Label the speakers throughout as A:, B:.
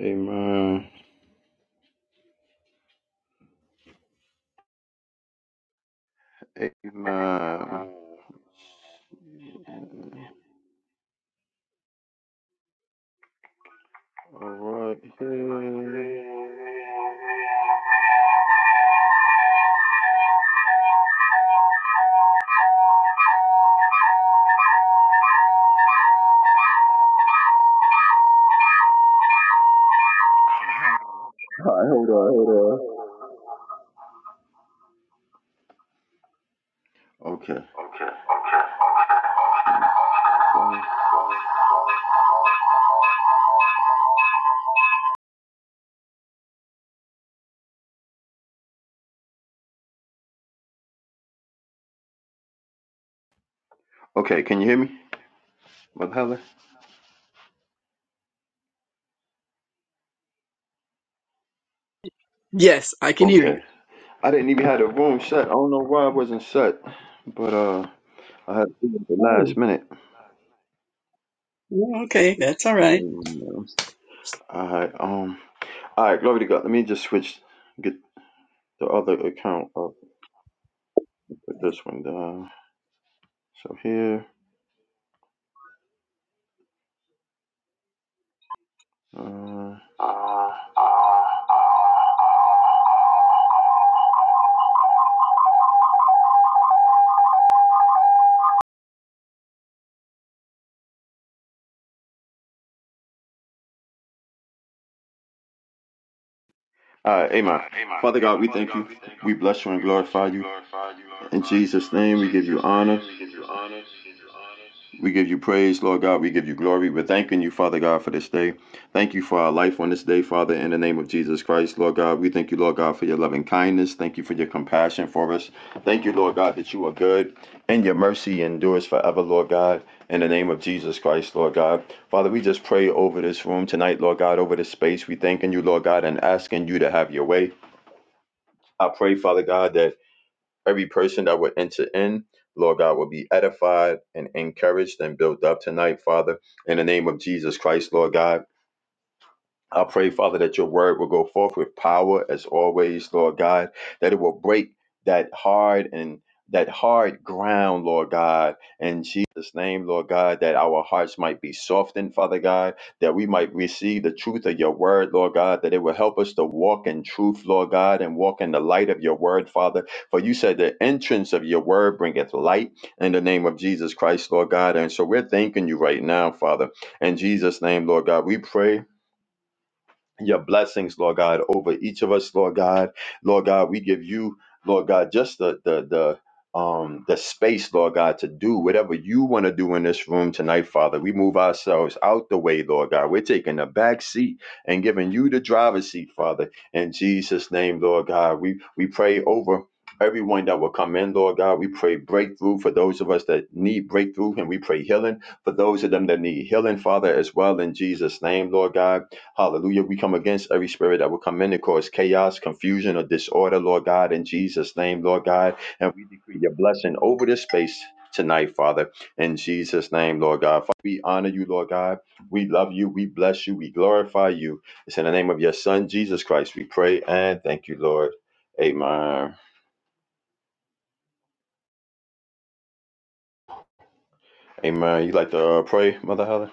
A: Amen. Amen. All right.
B: All right, hold on, hold on. Okay. All
A: Okay, can you hear me, Mother Helen?
C: Yes, I can hear you.
A: Okay. I didn't even have the room set. I don't know why it wasn't set, but uh, I had to do it at the
C: Oh,
A: last minute.
C: yeah, okay, that's all right.
A: Amen. All right. Um. All right. Glory to God. Let me just switch. Get the other account up. and Put this one down. So here. Uh.
B: right, Amen. Father God, we thank you. We bless you and glorify you. In Jesus' name, we give you honor. We give you praise, Lord God. We give you glory. We're thanking you, Father God, for this day. Thank you for our life on this day, Father, in the name of Jesus Christ, Lord God. We thank you, Lord God, for your loving kindness. Thank you for your compassion for us. Thank you, Lord God, that you are good and your mercy endures forever, Lord God, in the name of Jesus Christ, Lord God. Father, we just pray over this room tonight, Lord God, over this space. We thanking you, Lord God, and asking you to have your way. I pray, Father God, that Every person that would enter in, Lord God, will be edified and encouraged and built up tonight, Father, in the name of Jesus Christ, Lord God. I pray, Father, that your word will go forth with power as always, Lord God, that it will break that hard and that hard ground, Lord God, in Jesus' name, Lord God, that our hearts might be softened, Father God, that we might receive the truth of your word, Lord God, that it will help us to walk in truth, Lord God, and walk in the light of your word, Father. For you said the entrance of your word bringeth light in the name of Jesus Christ, Lord God. And so we're thanking you right now, Father. In Jesus' name, Lord God, we pray your blessings, Lord God, over each of us, Lord God. Lord God, we give you, Lord God, just the the the um the space, Lord God, to do whatever you want to do in this room tonight, Father. We move ourselves out the way, Lord God. We're taking the back seat and giving you the driver's seat, Father. In Jesus' name, Lord God, we we pray over everyone that will come in, Lord God. We pray breakthrough for those of us that need breakthrough, and we pray healing for those of them that need healing, Father, as well. In Jesus' name, Lord God. Hallelujah. We come against every spirit that will come in and cause chaos, confusion, or disorder, Lord God, in Jesus' name, Lord God. And we decree your blessing over this space tonight, Father, in Jesus' name, Lord God. Father, we honor you, Lord God. We love you. We bless you. We glorify you. It's in the name of your Son, Jesus Christ, we pray and thank you, Lord. Amen. Amen. You like to uh, pray, Mother Helen?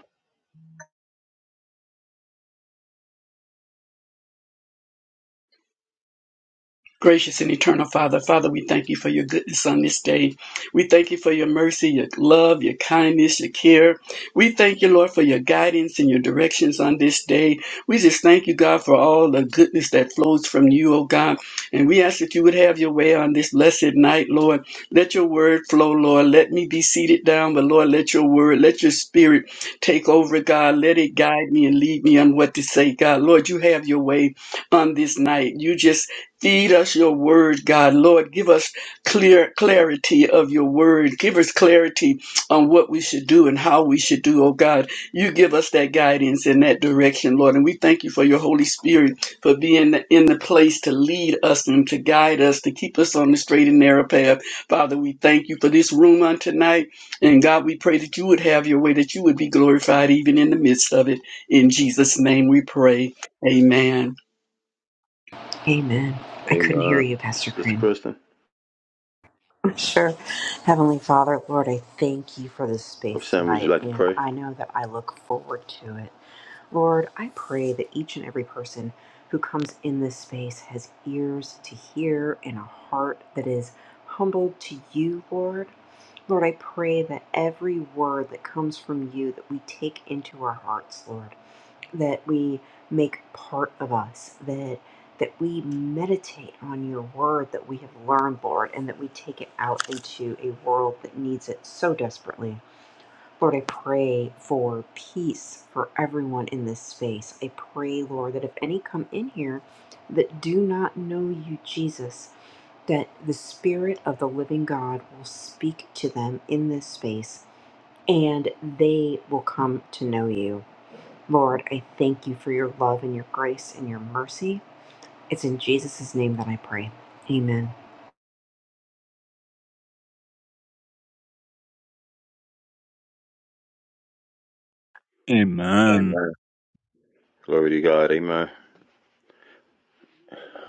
C: Gracious and eternal Father, Father, we thank you for your goodness on this day. We thank you for your mercy, your love, your kindness, your care. We thank you, Lord, for your guidance and your directions on this day. We just thank you, God, for all the goodness that flows from you, oh God. And we ask that you would have your way on this blessed night, Lord. Let your word flow, Lord. Let me be seated down, but Lord, let your word, let your spirit take over, God. Let it guide me and lead me on what to say, God. Lord, you have your way on this night. You just Feed us your word, God. Lord, give us clear clarity of your word. Give us clarity on what we should do and how we should do, oh God. You give us that guidance and that direction, Lord. And we thank you for your Holy Spirit for being in the place to lead us and to guide us, to keep us on the straight and narrow path. Father, we thank you for this room on tonight. And God, we pray that you would have your way, that you would be glorified even in the midst of it. In Jesus' name we pray. Amen.
D: Amen. I couldn't hear
B: Amen.
D: you, Pastor
B: Sister
D: Cream.
B: Kristen?
D: Sure. Heavenly Father, Lord, I thank you for this
B: Or
D: space
B: Sam, would you
D: tonight,
B: like to
D: and
B: pray?
D: I know that I look forward to it. Lord, I pray that each and every person who comes in this space has ears to hear and a heart that is humbled to you, Lord. Lord, I pray that every word that comes from you that we take into our hearts, Lord that we make part of us that that we meditate on your word that we have learned lord and that we take it out into a world that needs it so desperately lord i pray for peace for everyone in this space i pray lord that if any come in here that do not know you jesus that the Spirit of the living God will speak to them in this space and they will come to know you. Lord, I thank you for your love and your grace and your mercy. It's in Jesus' name that I pray. Amen.
E: Amen.
B: Amen. Glory to God. Amen.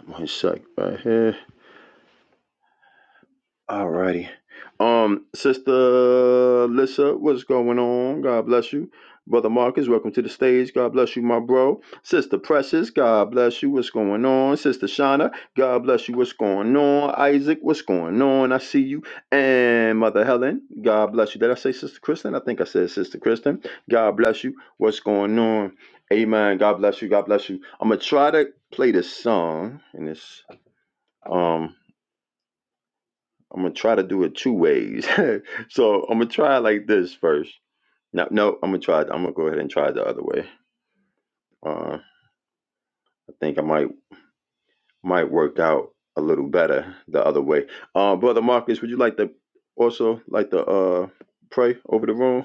B: One sec right here. Alrighty. Um, Sister Lissa, what's going on? God bless you. Brother Marcus, welcome to the stage. God bless you, my bro. Sister Precious, God bless you. What's going on? Sister Shauna, God bless you. What's going on? Isaac, what's going on? I see you. And Mother Helen, God bless you. Did I say Sister Kristen? I think I said Sister Kristen. God bless you. What's going on? Amen. God bless you. God bless you. I'm gonna try to play this song and this. I'm gonna try to do it two ways. so I'm gonna try it like this first. No, no, I'm gonna try. it- I'm gonna go ahead and try it the other way. Uh, I think I might might work out a little better the other way. Uh, brother Marcus, would you like to also like to uh pray over the room?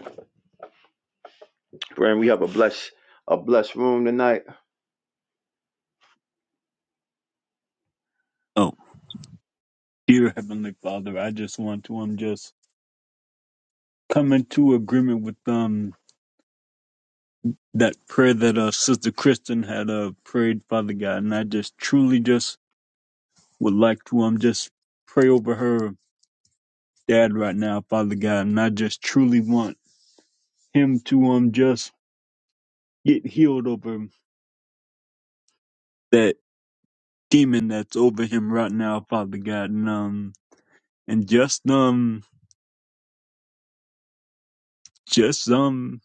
B: Brand, we have a blessed a blessed room tonight.
E: Oh, dear Heavenly Father, I just want to um just come into agreement with um that prayer that uh Sister Kristen had uh prayed, Father God, and I just truly just would like to um just pray over her dad right now, Father God, and I just truly want him to um just get healed over that demon that's over him right now, Father God, and um and just um just um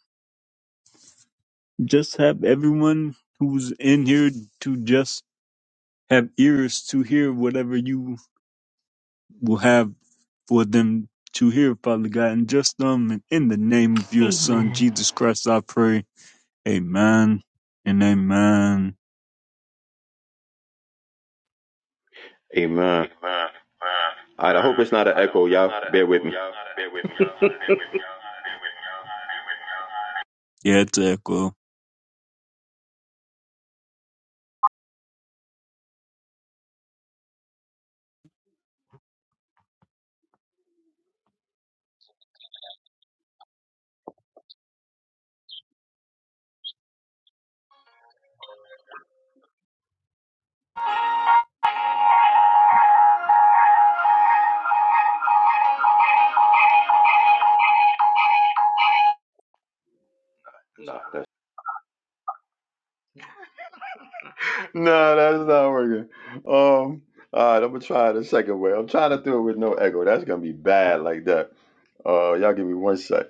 E: just have everyone who's in here to just have ears to hear whatever you will have for them to hear, Father God. And just um, and in the name of your Son,
D: Amen.
E: Jesus Christ, I pray. Amen and amen.
B: Amen. All right, I hope it's not an echo, y'all. Bear with me.
E: Yeah, it's echo.
A: No, that's
B: No, that's not working. Um, all right, I'm gonna try it a second way. I'm trying to do it with no echo. That's gonna be bad like that. Uh, y'all give me one sec.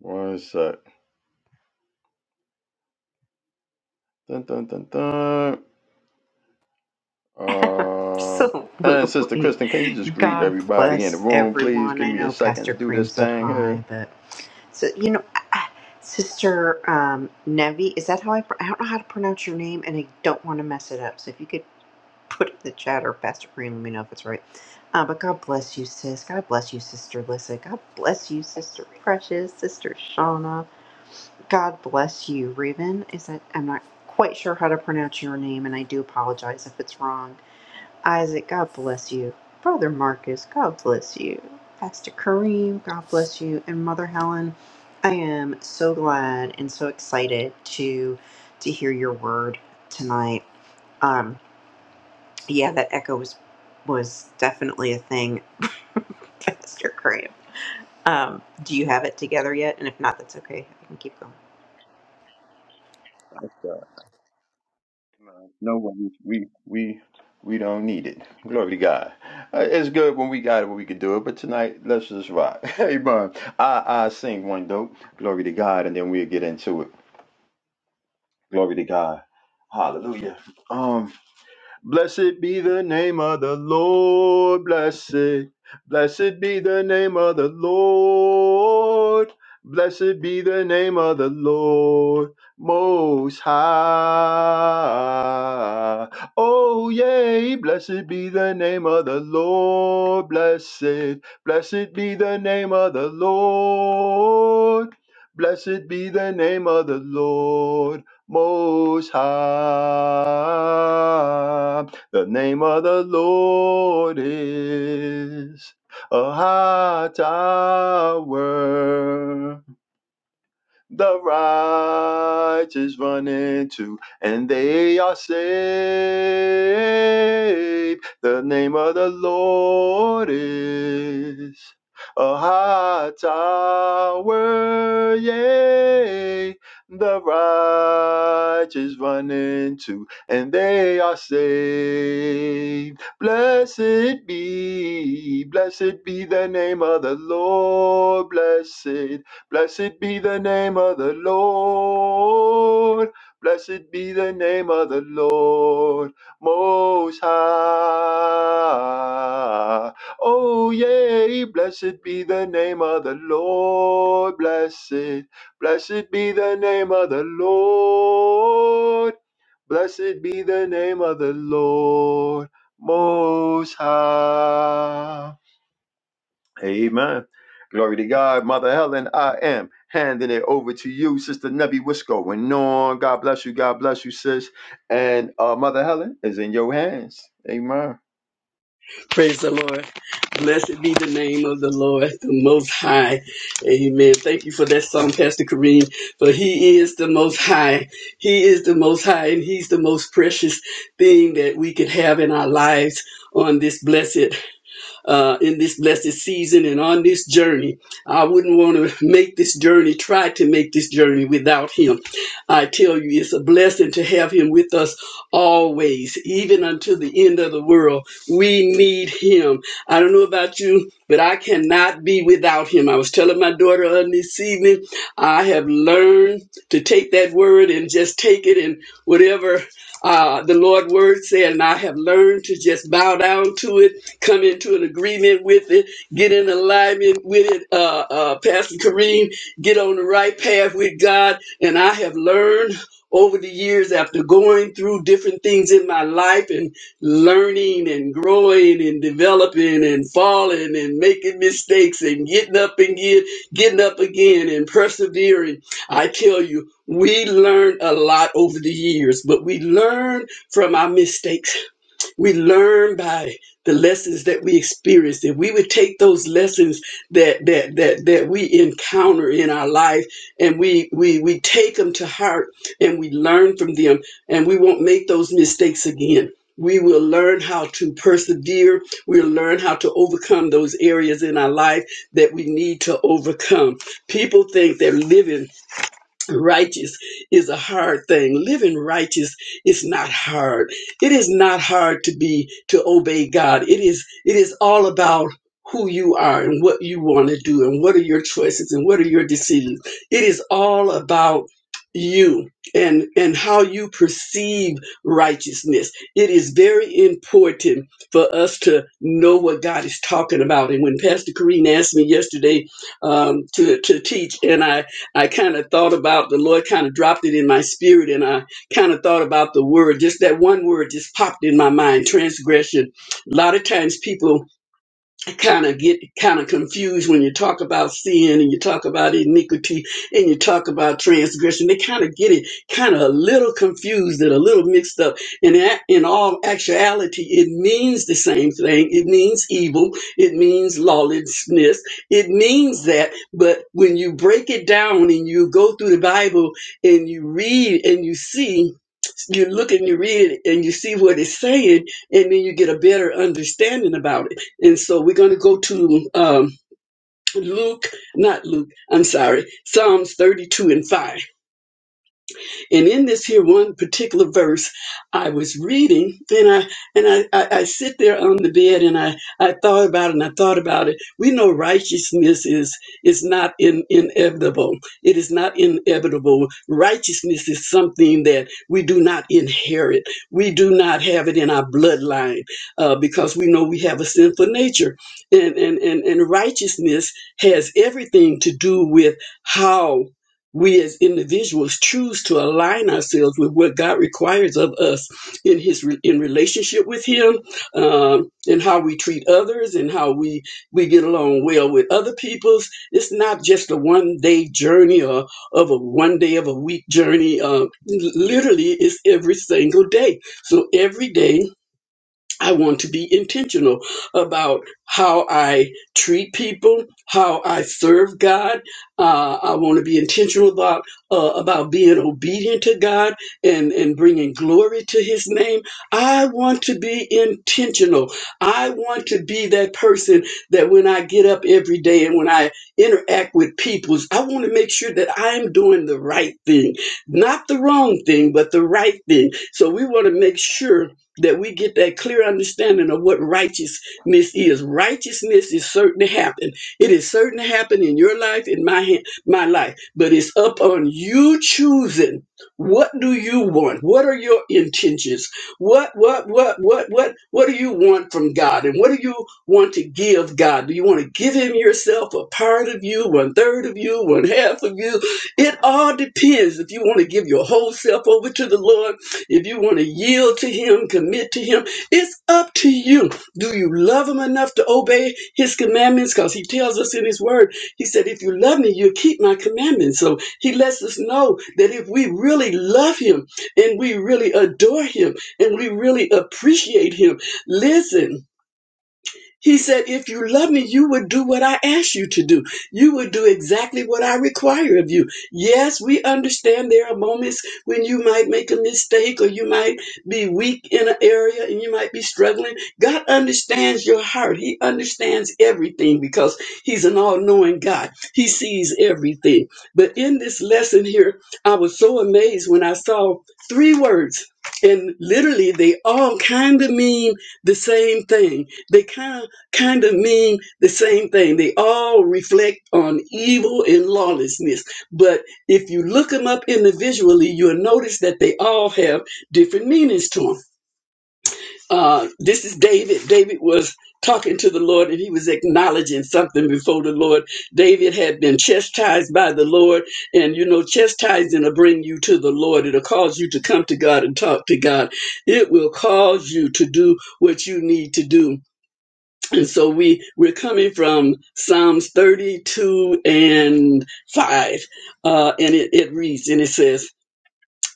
B: One sec. Dun dun dun dun. Uh, and Sister
D: Absolutely.
B: Kristen, can you just greet
D: God
B: everybody in the
D: bless
B: room, please?
D: everyone.
B: Give
D: I
B: me a
D: know
B: second to
D: Pastor
B: do this
D: Kareem said
B: thing here.
D: hi, but so you know, I- I- Sister um, Nevi, is that how I? pr- I don't know how to pronounce your name, and I don't want to mess it up. So if you could put in the chat or Pastor Green, let me know if it's right. Uh, but God bless you, sis. God bless you, Sister Lissa. God bless you, Sister Precious, Sister Shauna. God bless you, Raven. Is that I'm not quite sure how to pronounce your name, and I do apologize if it's wrong. Isaac, God bless you. Brother Marcus, God bless you. Pastor Kareem, God bless you. And Mother Helen, I am so glad and so excited to to hear your word tonight Um, yeah, that echo was was definitely a thing, Pastor Graham. Um, do you have it together yet? And if not, that's okay. I can keep going.
B: No worries. We we we don't need it. Glory to God. Uh, It's good when we got it when we can do it, but tonight let's just rock. Hey man, I I sing one dope. Glory to God, and then we'll get into it. Glory to God. Hallelujah. Um, blessed be the name of the Lord. Blessed. Blessed be the name of the Lord. Blessed be the name of the Lord Most High. Oh, yea, blessed be the name of the Lord. Blessed, blessed be the name of the Lord. Blessed be the name of the Lord. Most High. The name of the Lord is a high tower the righteous run into, and they are saved. The name of the Lord is a high tower, yea. The righteous run into, and they are saved. Blessed be, blessed be the name of the Lord, blessed Blessed be the name of the Lord. Blessed be the name of the Lord Most High. Oh, yea, blessed be the name of the Lord. Blessed, blessed be the name of the Lord. Blessed be the name of the Lord Most High. Amen. Glory to God, Mother Helen. I am handing it over to you, Sister Nebby. What's going on? God bless you. God bless you, sis. And uh, Mother Helen is in your hands. Amen.
C: Praise the Lord. Blessed be the name of the Lord, the Most High. Amen. Thank you for that song, Pastor Kareem. But He is the Most High. He is the Most High, and He's the most precious thing that we could have in our lives on this blessed uh, in this blessed season and on this journey. I wouldn't want to make this journey, try to make this journey without him. I tell you, it's a blessing to have him with us always, even until the end of the world. We need him. I don't know about you, but I cannot be without him. I was telling my daughter on this evening, I have learned to take that word and just take it and whatever uh, the Lord word said, and I have learned to just bow down to it come into an agreement with it, get in alignment with it. Uh, uh, Pastor Kareem, get on the right path with God. And I have learned over the years after going through different things in my life and learning and growing and developing and falling and making mistakes and getting up and get, getting up again and persevering. I tell you, we learn a lot over the years, but we learn from our mistakes we learn by the lessons that we experienced. If we would take those lessons that that that that we encounter in our life and we we we take them to heart and we learn from them and we won't make those mistakes again. We will learn how to persevere. We'll learn how to overcome those areas in our life that we need to overcome. People think they're living righteous is a hard thing living righteous is not hard it is not hard to be to obey god it is it is all about who you are and what you want to do and what are your choices and what are your decisions it is all about you and and how you perceive righteousness it is very important for us to know what god is talking about and when pastor Kareen asked me yesterday um, to to teach and I. I kind of thought about the Lord kind of dropped it in my spirit and I kind of thought about the word just that one word just popped in my mind transgression a lot of times people I kind of get kind of confused when you talk about sin and you talk about iniquity and you talk about transgression. They kind of get it kind of a little confused and a little mixed up. And that, in all actuality, it means the same thing. It means evil. It means lawlessness. It means that. But when you break it down and you go through the Bible and you read and you see you look and you read it and you see what it's saying, and then you get a better understanding about it. And so we're going to go to um, Luke, not Luke, I'm sorry, Psalms 32 and 5. And in this here one particular verse, I was reading and I and I, I, I sit there on the bed and I, I thought about it and I thought about it. We know righteousness is is not in, inevitable. It is not inevitable. Righteousness is something that we do not inherit. We do not have it in our bloodline uh, because we know we have a sinful nature. And, and and and righteousness has everything to do with how we as individuals choose to align ourselves with what God requires of us in His in relationship with Him, um, and how we treat others, and how we we get along well with other peoples. It's not just a one day journey or of a one day of a week journey. Uh, literally, it's every single day. So every day I want to be intentional about how I treat people, how I serve God. Uh, I want to be intentional about uh, about being obedient to God and and bringing glory to His name. I want to be intentional. I want to be that person that when I get up every day and when I interact with people, I want to make sure that I am doing the right thing, not the wrong thing, but the right thing. So we want to make sure that we get that clear understanding of what righteousness is. Righteousness is certain to happen. It is certain to happen in your life, in my hand, my life. But it's up on you choosing. What do you want? What are your intentions? What what what what what what do you want from God? And what do you want to give God? Do you want to give Him yourself, a part of you, one third of you, one half of you? It all depends. If you want to give your whole self over to the Lord if you want to yield to Him, commit to Him, it's up to you. Do you love Him enough to obey His commandments? Because He tells us in His Word, He said, If you love me, you keep my commandments. So He lets us know that if we really love Him and we really adore Him and we really appreciate Him, listen. He said, If you love me, you would do what I ask you to do. You would do exactly what I require of you. Yes, we understand there are moments when you might make a mistake or you might be weak in an area and you might be struggling. God understands your heart. He understands everything because He's an all knowing God. He sees everything. But in this lesson here, I was so amazed when I saw three words, and literally they all kind of mean the same thing they kind of kind of mean the same thing. They all reflect on evil and lawlessness. But if you look them up individually, you'll notice that they all have different meanings to them. Uh, this is David. David was talking to the Lord and he was acknowledging something before the Lord. David had been chastised by the Lord. And you know, chastising will bring you to the Lord. It'll cause you to come to God and talk to God. It will cause you to do what you need to do and so we, we're coming from Psalms 32 and 5. Uh, and it, it reads, and it says,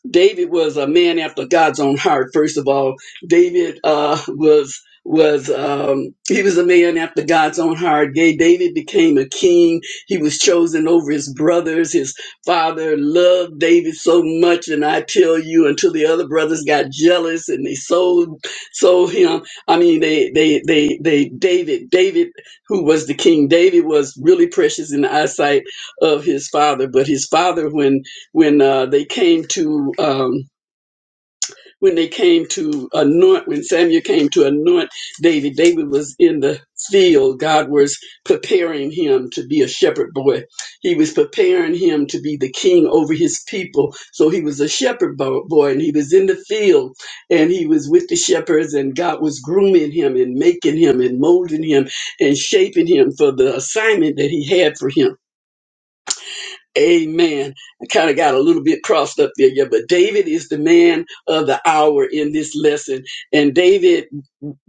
C: David was a man after God's own heart. First of all, David uh, was was um, he was a man after God's own heart. Gay David became a king. He was chosen over his brothers. His father loved David so much, and I tell you, until the other brothers got jealous and they sold sold him. I mean, they they they they David David who was the king. David was really precious in the eyesight of his father, but his father when when uh, they came to um, when they came to anoint when Samuel came to anoint David. David was in the field. God was preparing him to be a shepherd boy. He was preparing him to be the king over his people. So he was a shepherd bo- boy, and he was in the field, and he was with the shepherds, and God was grooming him and making him and molding him and shaping him for the assignment that he had for him Amen. I kind of got a little bit crossed up there, yeah. But David is the man of the hour in this lesson, and David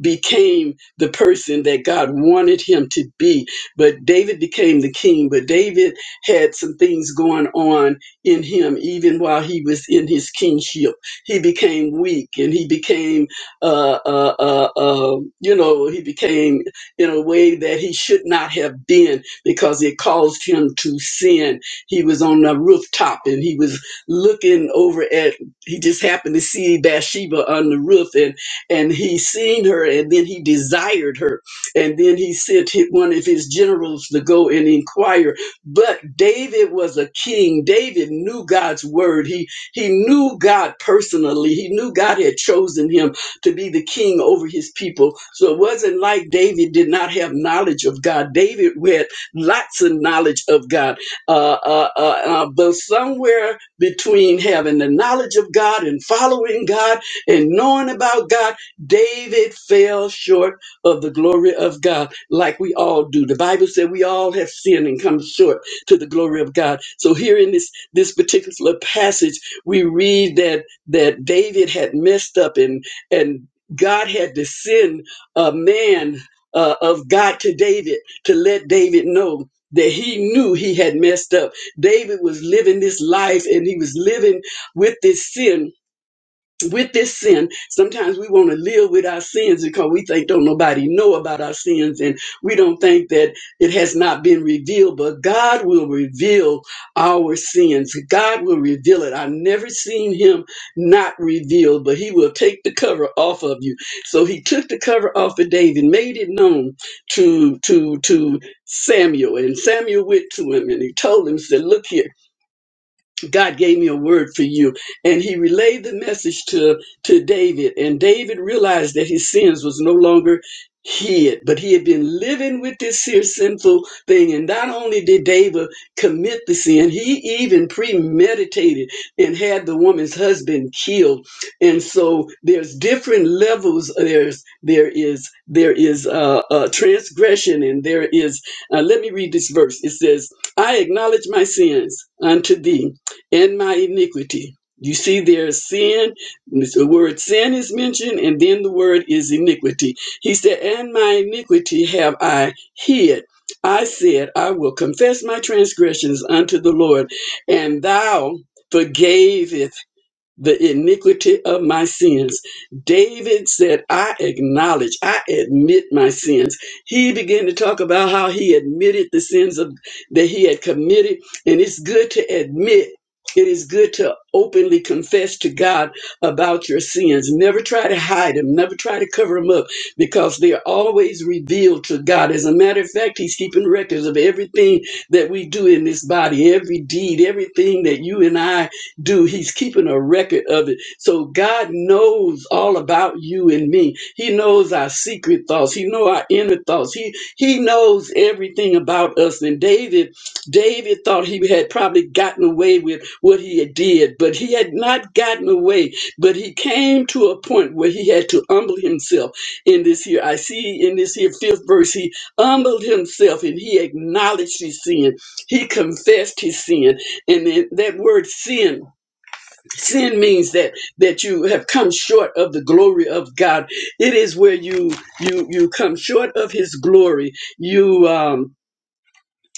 C: became the person that God wanted him to be. But David became the king, but David had some things going on in him even while he was in his kingship. He became weak and he became, uh, uh, uh, uh, you know, he became in a way that he should not have been because it caused him to sin. He was on the rooftop and he was looking over at, he just happened to see Bathsheba on the roof and and he seen her and then he desired her and then he sent hi- one of his generals to go and inquire but david was a king david knew god's word he he knew god personally he knew god had chosen him to be the king over his people so it wasn't like david did not have knowledge of god david had lots of knowledge of god uh, uh, uh, uh, but somewhere between having the knowledge of god and following god and knowing about God. David fell short of the glory of God, like we all do. The Bible said we all have sinned and come short to the glory of God. So here in this this particular passage, we read that that David had messed up and and God had to send a man uh, of God to David to let David know that he knew he had messed up. David was living this life and he was living with this sin with this sin, sometimes we want to live with our sins because we think don't nobody know about our sins and we don't think that it has not been revealed, but God will reveal our sins. God will reveal it. I've never seen him not revealed, but he will take the cover off of you. So he took the cover off of David, made it known to to to Samuel and Samuel went to him and he told him, said, look here, God gave me a word for you. And he relayed the message to, to David. And David realized that his sins was no longer hid, but he had been living with this here sinful thing. And not only did David commit the sin, he even premeditated and had the woman's husband killed. And so there's different levels. There's, there is, there is, uh, uh, transgression and there is, uh, let me read this verse. It says, I acknowledge my sins unto thee and my iniquity. You see, there's sin. The word sin is mentioned, and then the word is iniquity. He said, And my iniquity have I hid. I said, I will confess my transgressions unto the Lord, and thou forgavest the iniquity of my sins. David said, I acknowledge, I admit my sins. He began to talk about how he admitted the sins of, that he had committed. And it's good to admit. It is good to openly confess to God about your sins. Never try to hide them. Never try to cover them up because they are always revealed to God. As a matter of fact, He's keeping records of everything that we do in this body, every deed, everything that you and I do. He's keeping a record of it. So God knows all about you and me. He knows our secret thoughts. He knows our inner thoughts. He he knows everything about us. And David, David thought he had probably gotten away with what he had did, but he had not gotten away. But he came to a point where he had to humble himself in this here. I see in this here fifth verse, he humbled himself and he acknowledged his sin. He confessed his sin. And then that word sin sin means that that you have come short of the glory of god it is where you you you come short of his glory you um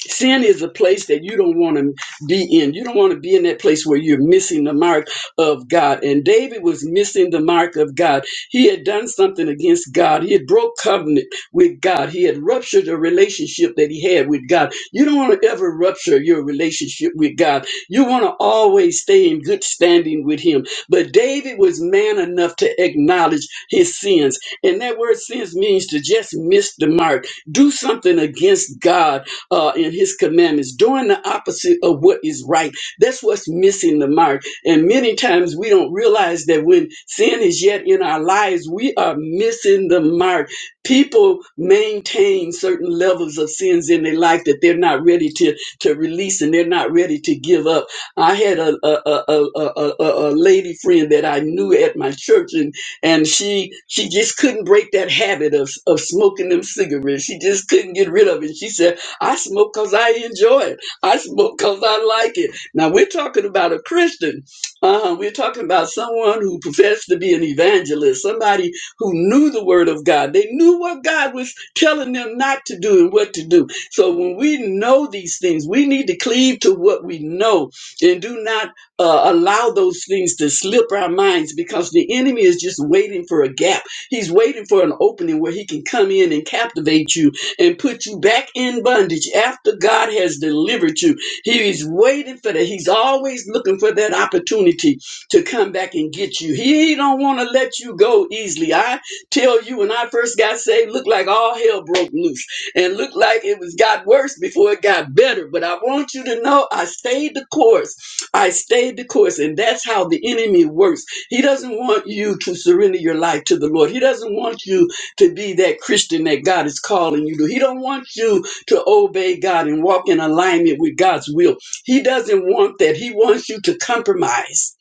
C: Sin is a place that you don't want to be in. You don't want to be in that place where you're missing the mark of God. And David was missing the mark of God. He had done something against God. He had broke covenant with God. He had ruptured a relationship that he had with God. You don't want to ever rupture your relationship with God. You want to always stay in good standing with him. But David was man enough to acknowledge his sins. And that word sins means to just miss the mark, do something against God uh, and his commandments, doing the opposite of what is right. That's what's missing the mark. And many times we don't realize that when sin is yet in our lives, we are missing the mark. People maintain certain levels of sins in their life that they're not ready to, to release and they're not ready to give up. I had a, a, a, a, a, a a lady friend that I knew at my church and and she she just couldn't break that habit of of smoking them cigarettes. She just couldn't get rid of it. She said, I smoke because I enjoy it. I smoke because I like it. Now, we're talking about a Christian. Uh, we're talking about someone who professed to be an evangelist, somebody who knew the Word of God. They knew what God was telling them not to do and what to do. So, when we know these things, we need to cleave to what we know and do not uh, allow those things to slip our minds because the enemy is just waiting for a gap. He's waiting for an opening where he can come in and captivate you and put you back in bondage after God has delivered you. He is waiting for that. He's always looking for that opportunity to come back and get you. He don't want to let you go easily. I tell you, when I first got saved, looked like all hell broke loose and looked like it was got worse before it got better. But I want you to know I stayed the course. I stayed the course, and that's how the enemy works. He doesn't want you to surrender your life to the Lord. He doesn't want you to be that Christian that God is calling you to. He don't want you to obey God and walk in alignment with God's will. He doesn't want that. He wants you to compromise.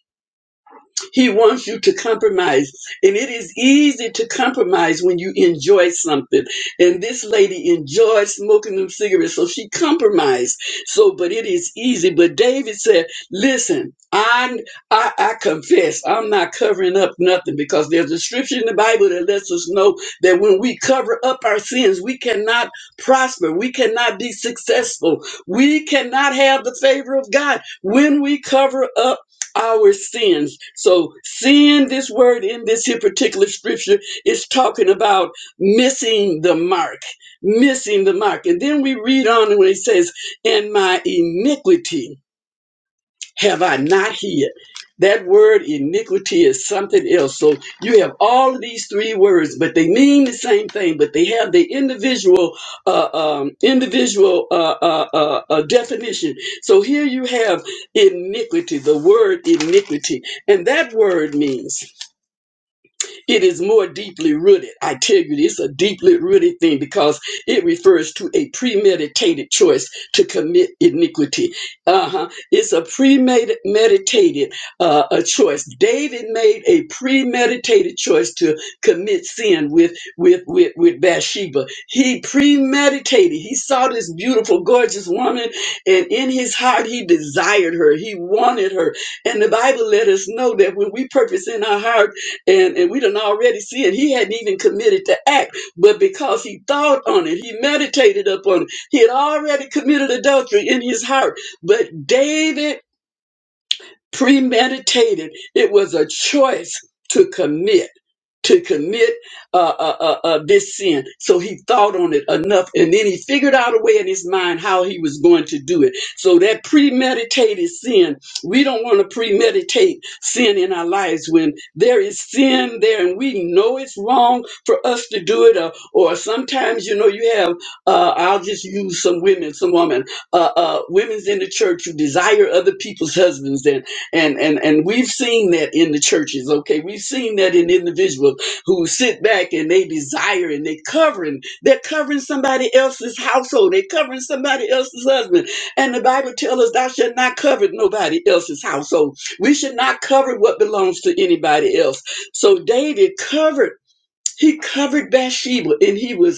C: He wants you to compromise. And it is easy to compromise when you enjoy something. And this lady enjoyed smoking them cigarettes, so she compromised. So, but it is easy. But David said, Listen, I'm, I, I confess, I'm not covering up nothing because there's a scripture in the Bible that lets us know that when we cover up our sins, we cannot prosper. We cannot be successful. We cannot have the favor of God when we cover up our sins. So, sin, this word in this here particular scripture, is talking about missing the mark, missing the mark. And then we read on when it says, and my iniquity have I not heard? That word iniquity is something else. So you have all of these three words, but they mean the same thing, but they have the individual, uh, um, individual uh, uh, uh, uh, definition. So here you have iniquity, the word iniquity, and that word means it is more deeply rooted. I tell you, it's a deeply rooted thing because it refers to a premeditated choice to commit iniquity. Uh-huh. It's a premeditated uh, a choice. David made a premeditated choice to commit sin with with with with Bathsheba. He premeditated. He saw this beautiful, gorgeous woman, and in his heart he desired her. He wanted her. And the Bible let us know that when we purpose in our heart and and we done already see it. He hadn't even committed to act, but because he thought on it, he meditated upon it. He had already committed adultery in his heart. But David premeditated. It was a choice to commit to commit uh, uh, uh, uh, this sin. So he thought on it enough, and then he figured out a way in his mind how he was going to do it. So that premeditated sin, we don't want to premeditate sin in our lives when there is sin there, and we know it's wrong for us to do it. Or, or sometimes, you know, you have. Uh, I'll just use some women, some women, uh, uh, women's in the church who desire other people's husbands, and and and and we've seen that in the churches okay we've seen that in individuals who sit back and they desire and they covering they're covering somebody else's household they're covering somebody else's husband and the bible tells us thou shalt not cover nobody else's household we should not cover what belongs to anybody else so david covered he covered bathsheba and he was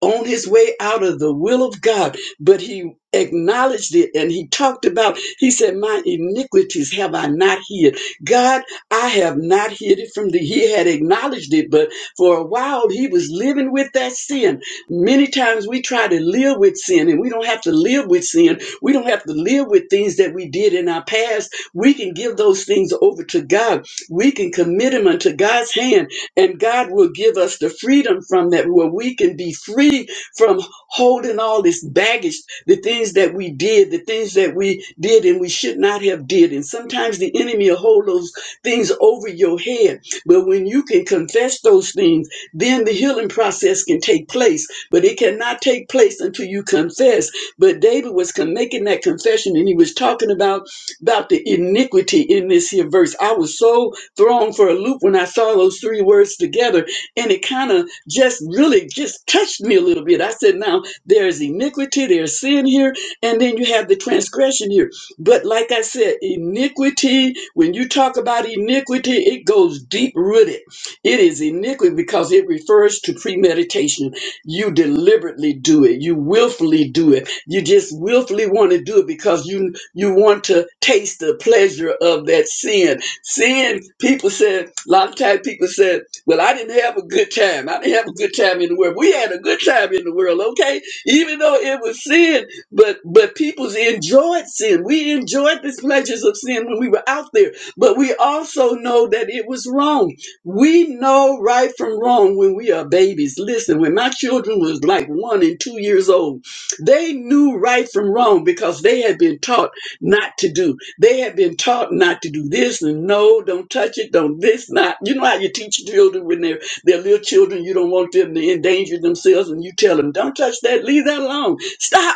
C: on his way out of the will of God, but he acknowledged it and he talked about, he said, My iniquities have I not hid. God, I have not hid it from thee. He had acknowledged it, but for a while he was living with that sin. Many times we try to live with sin and we don't have to live with sin. We don't have to live with things that we did in our past. We can give those things over to God. We can commit them unto God's hand and God will give us the freedom from that, where we can be free from holding all this baggage, the things that we did, the things that we did and we should not have did. And sometimes the enemy will hold those things over your head. But when you can confess those things, then the healing process can take place. But it cannot take place until you confess. But David was con- making that confession and he was talking about, about the iniquity in this here verse. I was so thrown for a loop when I saw those three words together. And it kind of just really just touched me a little bit. I said, now there's iniquity, there's sin here, and then you have the transgression here. But like I said, iniquity, when you talk about iniquity, it goes deep rooted. It is iniquity because it refers to premeditation. You deliberately do it, you willfully do it. You just willfully want to do it because you you want to taste the pleasure of that sin Seeing people said, a lot of times people said, Well, I didn't have a good time. I didn't have a good time in the world. We had a good time in the world, okay? Even though it was sin, but but people enjoyed sin. We enjoyed the pleasures of sin when we were out there, but we also know that it was wrong. We know right from wrong when we are babies. Listen, when my children was like one and two years old, they knew right from wrong because they had been taught not to do. They had been taught not to do this and no, don't touch it, don't this, not. You know how you teach children when they're, they're little children, you don't want them to endanger themselves, and you tell them, don't touch that, leave that alone, stop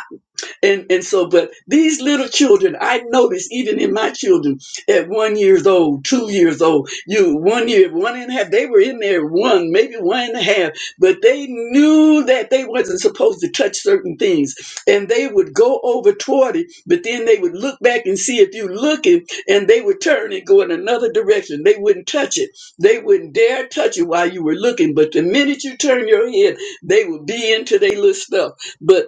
C: and and so but these little children i noticed even in my children at one years old two years old you one year one and a half they were in there one maybe one and a half but they knew that they wasn't supposed to touch certain things and they would go over toward it but then they would look back and see if you looking and they would turn and go in another direction they wouldn't touch it they wouldn't dare touch it while you were looking but the minute you turn your head they would be into their little stuff but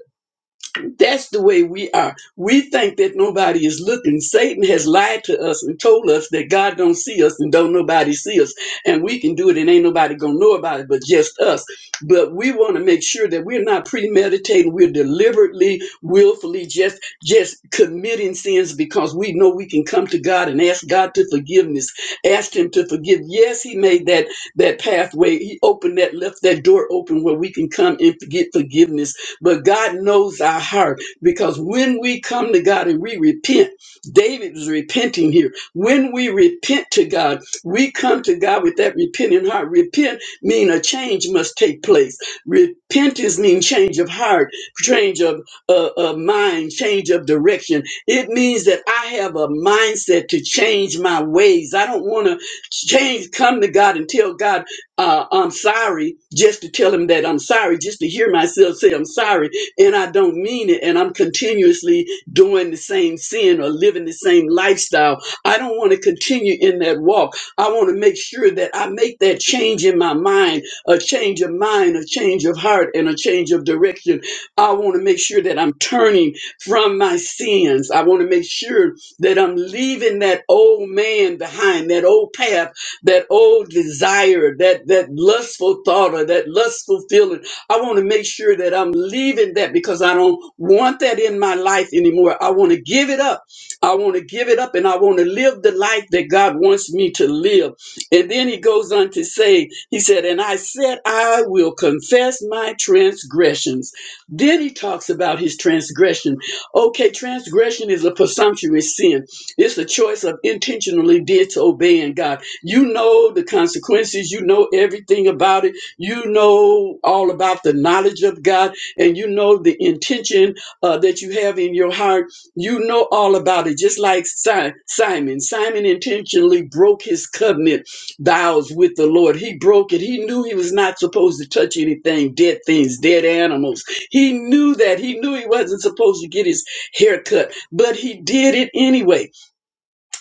C: that's the way we are. We think that nobody is looking. Satan has lied to us and told us that God don't see us and don't nobody see us. And we can do it and ain't nobody gonna know about it but just us. But we want to make sure that we're not premeditating, we're deliberately, willfully just just committing sins because we know we can come to God and ask God to forgiveness, ask him to forgive. Yes, he made that that pathway, he opened that, left that door open where we can come and get forgiveness but God knows our heart because when we come to God and we repent, David is repenting here. When we repent to God, we come to God with that repenting heart. Repent mean a change must take place. Repentance means change of heart, change of uh, uh, mind, change of direction. It means that I have a mindset to change my ways. I don't want to change, come to God and tell God uh, I'm sorry, just to tell him that I'm sorry, just to hear myself say I'm sorry, and I don't mean it, and I'm continuously doing the same sin or living the same lifestyle. I don't want to continue in that walk. I want to make sure that I make that change in my mind, a change of mind, a change of heart, and a change of direction. I want to make sure that I'm turning from my sins. I want to make sure that I'm leaving that old man behind, that old path that old desire, that that lustful thought or that lustful feeling. I want to make sure that I'm leaving that because I don't want that in my life anymore. I want to give it up. I want to give it up and I want to live the life that God wants me to live. And then he goes on to say, he said, and I said, I will confess my transgressions. Then he talks about his transgression. Okay, transgression is a presumptuous sin. It's a choice of intentionally disobeying God you know the consequences. You know everything about it. You know all about the knowledge of God, and you know the intention uh, that you have in your heart. You know all about it. Just like Si- Simon, Simon intentionally broke his covenant vows with the Lord. He broke it. He knew he was not supposed to touch anything, dead things, dead animals. He knew that. He knew he wasn't supposed to get his hair cut, but he did it anyway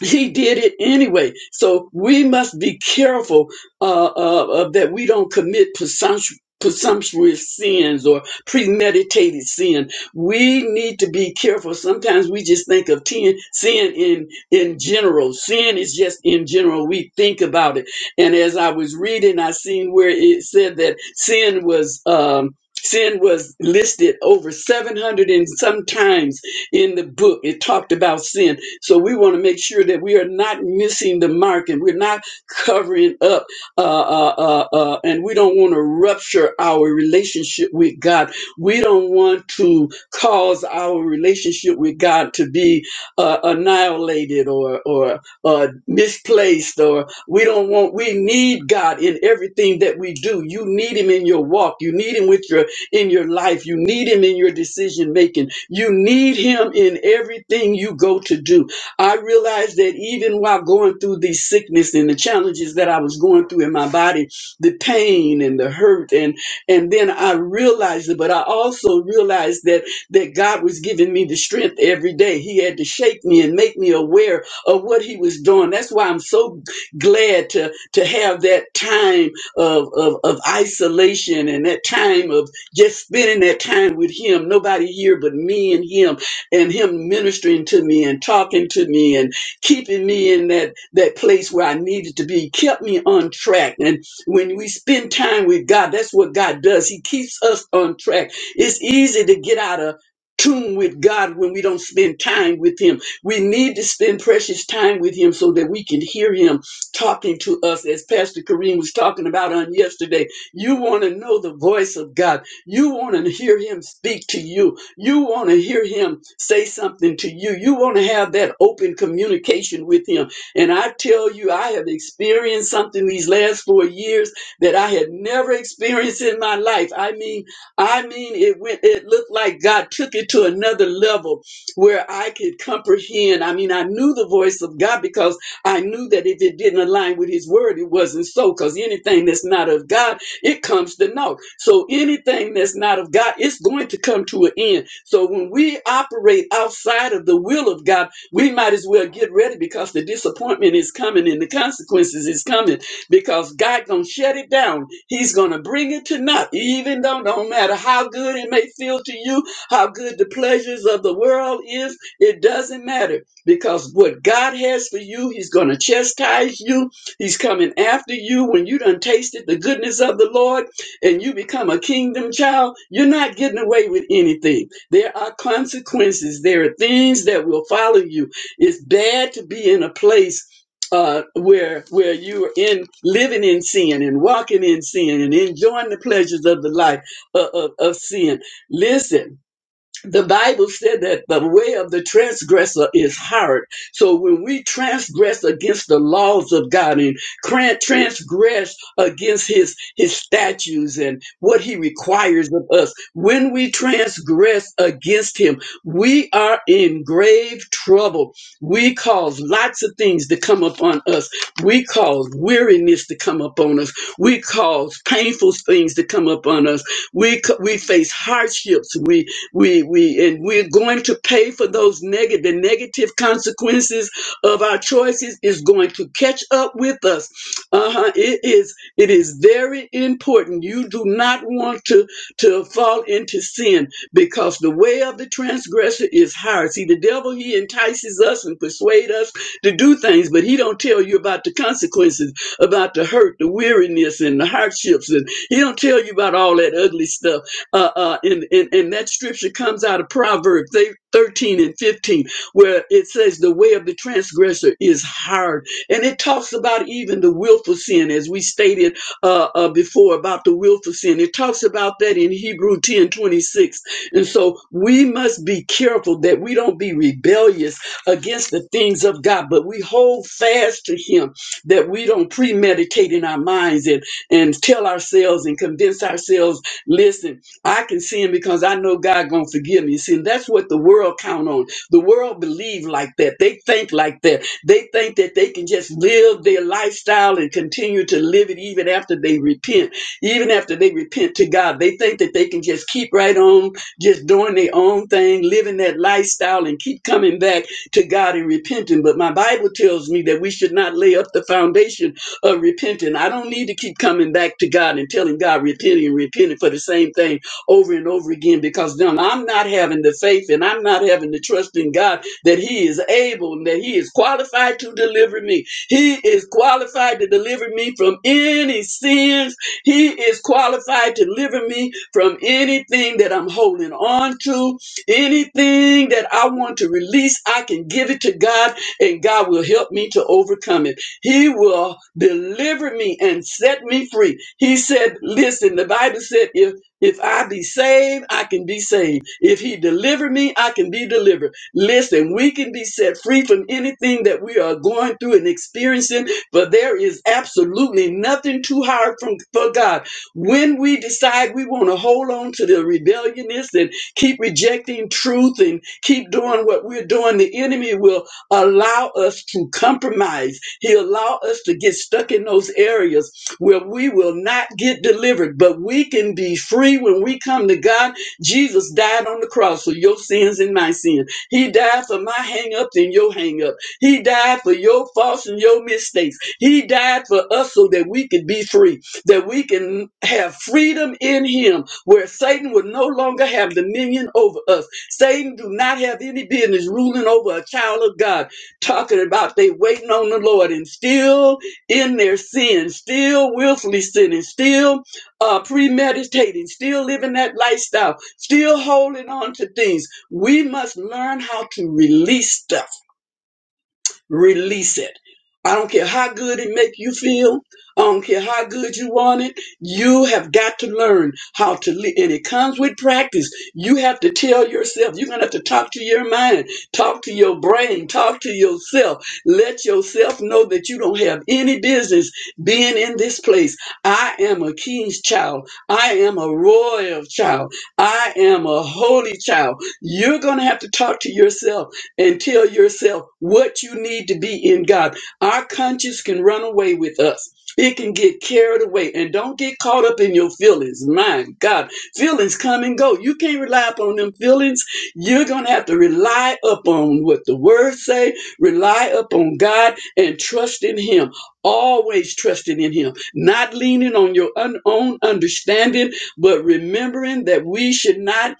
C: he did it anyway. So we must be careful uh, uh, uh, that we don't commit presumptu- presumptuous sins or premeditated sin. We need to be careful. Sometimes we just think of ten, sin in in general. Sin is just in general. We think about it. And as I was reading, I seen where it said that sin was. Um, Sin was listed over 700 and sometimes in the book. It talked about sin so we want to make sure that we are not missing the mark and we're not covering up, uh, uh, uh, uh, and we don't want to rupture our relationship with God. We don't want to cause our relationship with God to be uh, annihilated or or uh, misplaced. Or we don't want. We need God in everything that we do. You need Him in your walk. You need Him with your in your life. You need Him in your decision making. You need Him in everything you go to do I realized that even while going through the sickness and the challenges that I was going through in my body, the pain and the hurt, and and then I realized it, but I also realized that that God was giving me the strength every day. He had to shake me and make me aware of what He was doing. That's why I'm so glad to to have that time of of, of isolation and that time of just spending that time with Him. Nobody here but me and Him and him ministering to me and talking to me and keeping me in that that place where I needed to be kept me on track and when we spend time with God that's what God does he keeps us on track it's easy to get out of tune with God when we don't spend time with him we need to spend precious time with him so that we can hear him talking to us as pastor Kareem was talking about on yesterday you want to know the voice of God you want to hear him speak to you you want to hear him say something to you. You want to have that open communication with him. And I tell you, I have experienced something these last four years that I had never experienced in my life. I mean, I mean, it went, it looked like God took it to another level where I could comprehend. I mean, I knew the voice of God because I knew that if it didn't align with his word, it wasn't so. Because anything that's not of God, it comes to naught. So anything that's not of God, it's going to come to an end. So when we operate outside of the will of God, we might as well get ready because the disappointment is coming and the consequences is coming because God gonna shut it down. He's gonna bring it to naught, even though don't matter how good it may feel to you, how good the pleasures of the world is, it doesn't matter because what God has for you, He's gonna chastise you. He's coming after you when you done tasted the goodness of the Lord and you become a kingdom child. You're not getting away with anything. There are consequences. There are things that will follow you. It's bad to be in a place uh, where where you are in living in sin and walking in sin and enjoying the pleasures of the life of, of, of sin. Listen, the Bible said that the way of the transgressor is hard. So when we transgress against the laws of God and cran- transgress against his, his statutes and what he requires of us, when we transgress against him, we are in grave trouble. We cause lots of things to come upon us. We cause weariness to come upon us. We cause painful things to come upon us. We, c- we face hardships. We we we and we're going to pay for those negative the negative consequences of our choices is going to catch up with us uh-huh it is it is very important you do not want to to fall into sin because the way of the transgressor is hard see the devil he entices us and persuade us to do things but he don't tell you about the consequences about the hurt the weariness and the hardships and he don't tell you about all that ugly stuff uh, uh, and, and, and that scripture comes out of Proverbs thir- 13 and 15, where it says, The way of the transgressor is hard. And it talks about even the willful sin, as we stated uh, uh, before about the willful sin. It talks about that in Hebrew 10 26, And so we must be careful that we don't be rebellious against the things of God, but we hold fast to Him, that we don't premeditate in our minds and, and tell ourselves and convince ourselves, listen. I can sin because I know God gonna forgive me. See, and that's what the world count on. The world believe like that. They think like that. They think that they can just live their lifestyle and continue to live it even after they repent. Even after they repent to God, they think that they can just keep right on, just doing their own thing, living that lifestyle, and keep coming back to God and repenting. But my Bible tells me that we should not lay up the foundation of repenting. I don't need to keep coming back to God and telling God repenting and repenting for the same thing over and over again because then I'm not having the faith and I'm not having the trust in God that He is able and that He is qualified to deliver me. He is qualified to deliver me from any sins. He is qualified to deliver me from anything that I'm holding on to, anything that I want to release. I can give it to God and God will help me to overcome it. He will deliver me and set me free. He said, Listen, the Bible said, if if I be saved, I can be saved. If he deliver me, I can be delivered. Listen, we can be set free from anything that we are going through and experiencing, but there is absolutely nothing too hard from, for God. When we decide we want to hold on to the rebelliousness and keep rejecting truth and keep doing what we're doing, the enemy will allow us to compromise. He'll allow us to get stuck in those areas where we will not get delivered, but we can be free when we come to God. Jesus died on the cross for your sins and my sin. He died for my hang ups and your hang up. He died for your faults and your mistakes. He died for us so that we could be free, that we can have freedom in Him, where Satan will no longer have dominion over us. Satan do not have any business ruling over a child of God, talking about they waiting on the Lord and still in their sin, still willfully sinning, still uh, premeditating, still living that lifestyle, still holding on to things. We must learn how to release stuff Release it. I don't care how good it make you feel. I don't care how good you want it. You have got to learn how to live. And it comes with practice. You have to tell yourself. You're going to have to talk to your mind, talk to your brain, talk to yourself. Let yourself know that you don't have any business being in this place. I am a king's child. I am a royal child. I am a holy child. You're going to have to talk to yourself and tell yourself what you need to be in God. Our conscience can run away with us. It can get carried away and don't get caught up in your feelings. My God, feelings come and go. You can't rely upon them feelings. You're going to have to rely upon what the word say, rely upon God and trust in him. Always trusting in him, not leaning on your un- own understanding, but remembering that we should not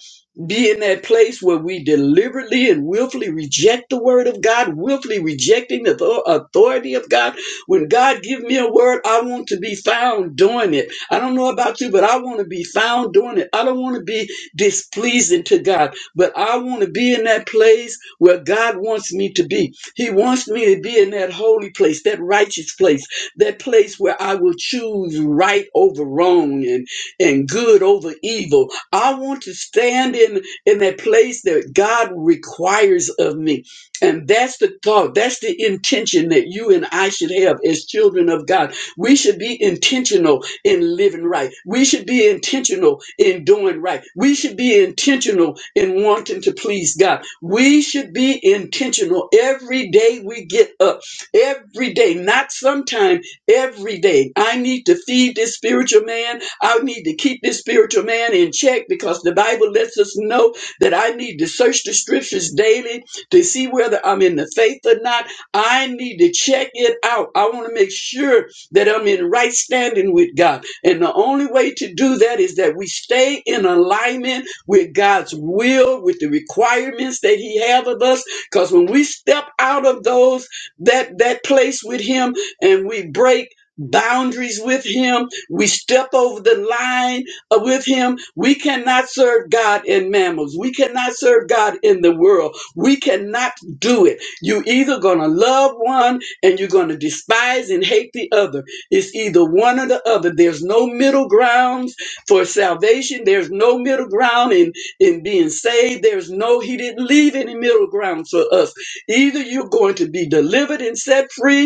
C: be in that place where we deliberately and willfully reject the word of God, willfully rejecting the author- authority of God. When God give me a word, I want to be found doing it. I don't know about you, but I want to be found doing it. I don't want to be displeasing to God, but I want to be in that place where God wants me to be. He wants me to be in that holy place, that righteous place, that place where I will choose right over wrong and and good over evil. I want to stand in in that place that God requires of me. And that's the thought, that's the intention that you and I should have as children of God. We should be intentional in living right. We should be intentional in doing right. We should be intentional in wanting to please God. We should be intentional every day we get up. Every day, not sometime, every day. I need to feed this spiritual man. I need to keep this spiritual man in check because the Bible lets us know that I need to search the scriptures daily to see whether I'm in the faith or not. I need to check it out. I want to make sure that I'm in right standing with God. And the only way to do that is that we stay in alignment with God's will, with the requirements that He have of us. Because when we step out of those that that place with Him and we break boundaries with Him we step over the line uh, with him. We cannot serve God in mammals. We cannot serve God in the world. We cannot do it. you either going to love one and you're going to despise and hate the other. It's either one or the other. There's no middle grounds for salvation. There's no middle ground in, in being saved. There's no, he didn't leave any middle ground for us. Either you're going to be delivered and set free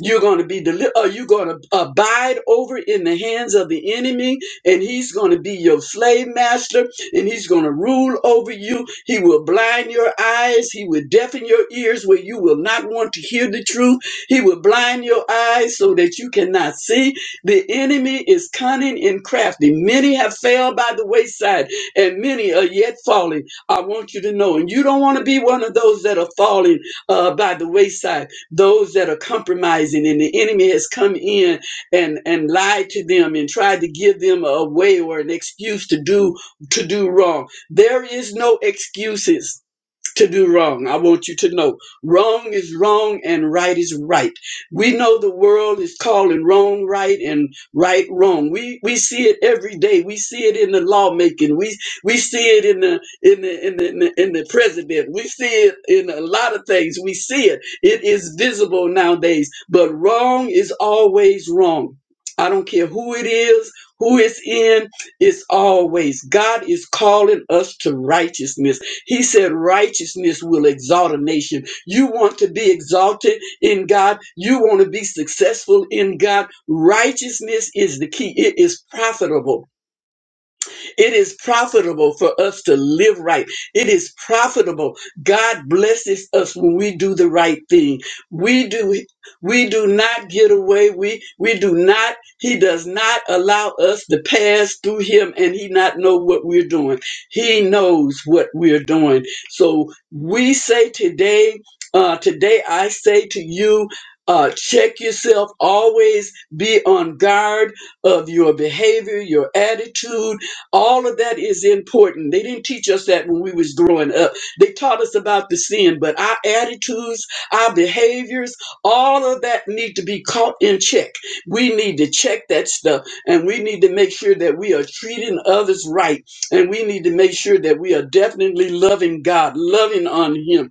C: you're going to be delivered, or you're going to abide over in the hands of the enemy, and he's going to be your slave master, and he's going to rule over you. He will blind your eyes, he will deafen your ears where you will not want to hear the truth. He will blind your eyes so that you cannot see. The enemy is cunning and crafty. Many have failed by the wayside, and many are yet falling. I want you to know, and you don't want to be one of those that are falling uh, by the wayside those that are compromising and the enemy has come in and and lied to them and tried to give them a way or an excuse to do to do wrong there is no excuses to do wrong. I want you to know wrong is wrong and right is right. We know the world is calling wrong right and right wrong. We we see it every day. We see it in the lawmaking. We we see it in the in the in the in the, in the president. We see it in a lot of things. We see it. It is visible nowadays. But wrong is always wrong. I don't care who it is, who it's in, it's always God is calling us to righteousness. He said, Righteousness will exalt a nation. You want to be exalted in God, you want to be successful in God. Righteousness is the key, it is profitable. It is profitable for us to live right. It is profitable. God blesses us when we do the right thing. We do we do not get away. We we do not he does not allow us to pass through him and he not know what we're doing. He knows what we're doing. So we say today uh today I say to you uh, check yourself. Always be on guard of your behavior, your attitude, all of that is important. They didn't teach us that when we was growing up. They taught us about the sin, but our attitudes, our behaviors, all of that need to be caught in check. We need to check that stuff and we need to make sure that we are treating others right. And we need to make sure that we are definitely loving God, loving on him,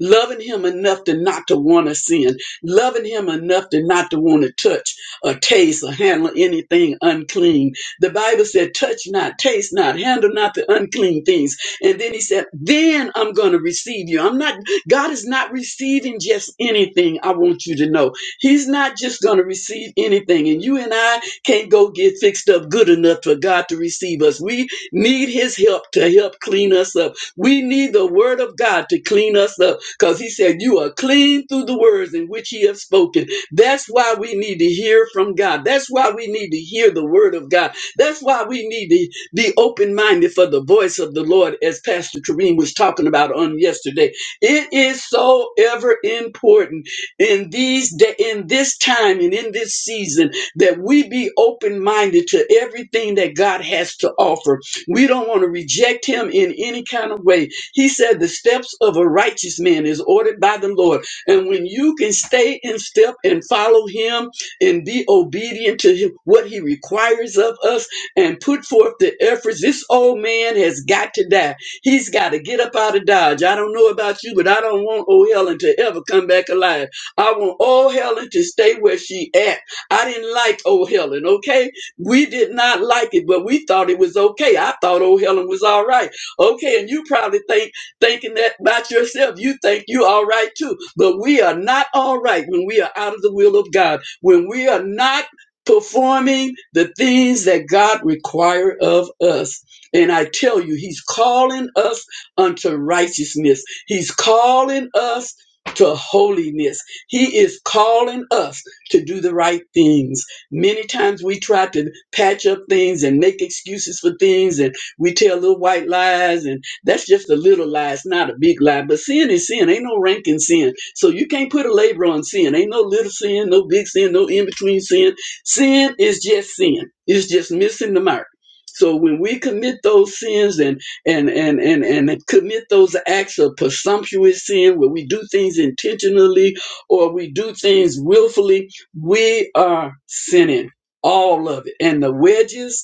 C: loving him enough to not to want to sin, loving him enough to not to want to touch or taste or handle anything unclean. The Bible said, touch not, taste not, handle not the unclean things. And then he said, then I'm going to receive you. I'm not, God is not receiving just anything. I want you to know he's not just going to receive anything. And you and I can't go get fixed up good enough for God to receive us. We need his help to help clean us up. We need the word of God to clean us up because he said, You are clean through the words in which he has spoken. That's why we need to hear from God. That's why we need to hear the word of God. That's why we need to be open minded for the voice of the Lord, as Pastor Kareem was talking about on yesterday. It is so ever important in these da- in this time and in this season that we be open minded to everything that God has to offer. We don't want to reject Him in any kind of way he said, The steps of a righteous man is ordered by the Lord. And when you can stay in step and follow him and be obedient to him, what he requires of us and put forth the efforts, this old man has got to die. He's got to get up out of Dodge. I don't know about you, but I don't want old Helen to ever come back alive. I want old Helen to stay where she at. I didn't like old Helen, okay? We did not like it, but we thought it was okay. I thought old Helen was all right. Okay, and you probably think thinking that about yourself. You think you all right too. But we are not all right when we are out of the will of God, when we are not performing the things that God require of us. And I tell you, He's calling us unto righteousness. He's calling us to holiness. He is calling us to do the right things. Many times we try to patch up things and make excuses for things and we tell little white lies, and that's just a little lie. It's not a big lie. But sin is sin. Ain't no rank in sin. So you can't put a label on sin. Ain't no little sin, no big sin, no in between sin. Sin is just sin. It's just missing the mark. So when we commit those sins and and and and and commit those acts of presumptuous sin, where we do things intentionally or we do things willfully, we are sinning. All of it. And the wedges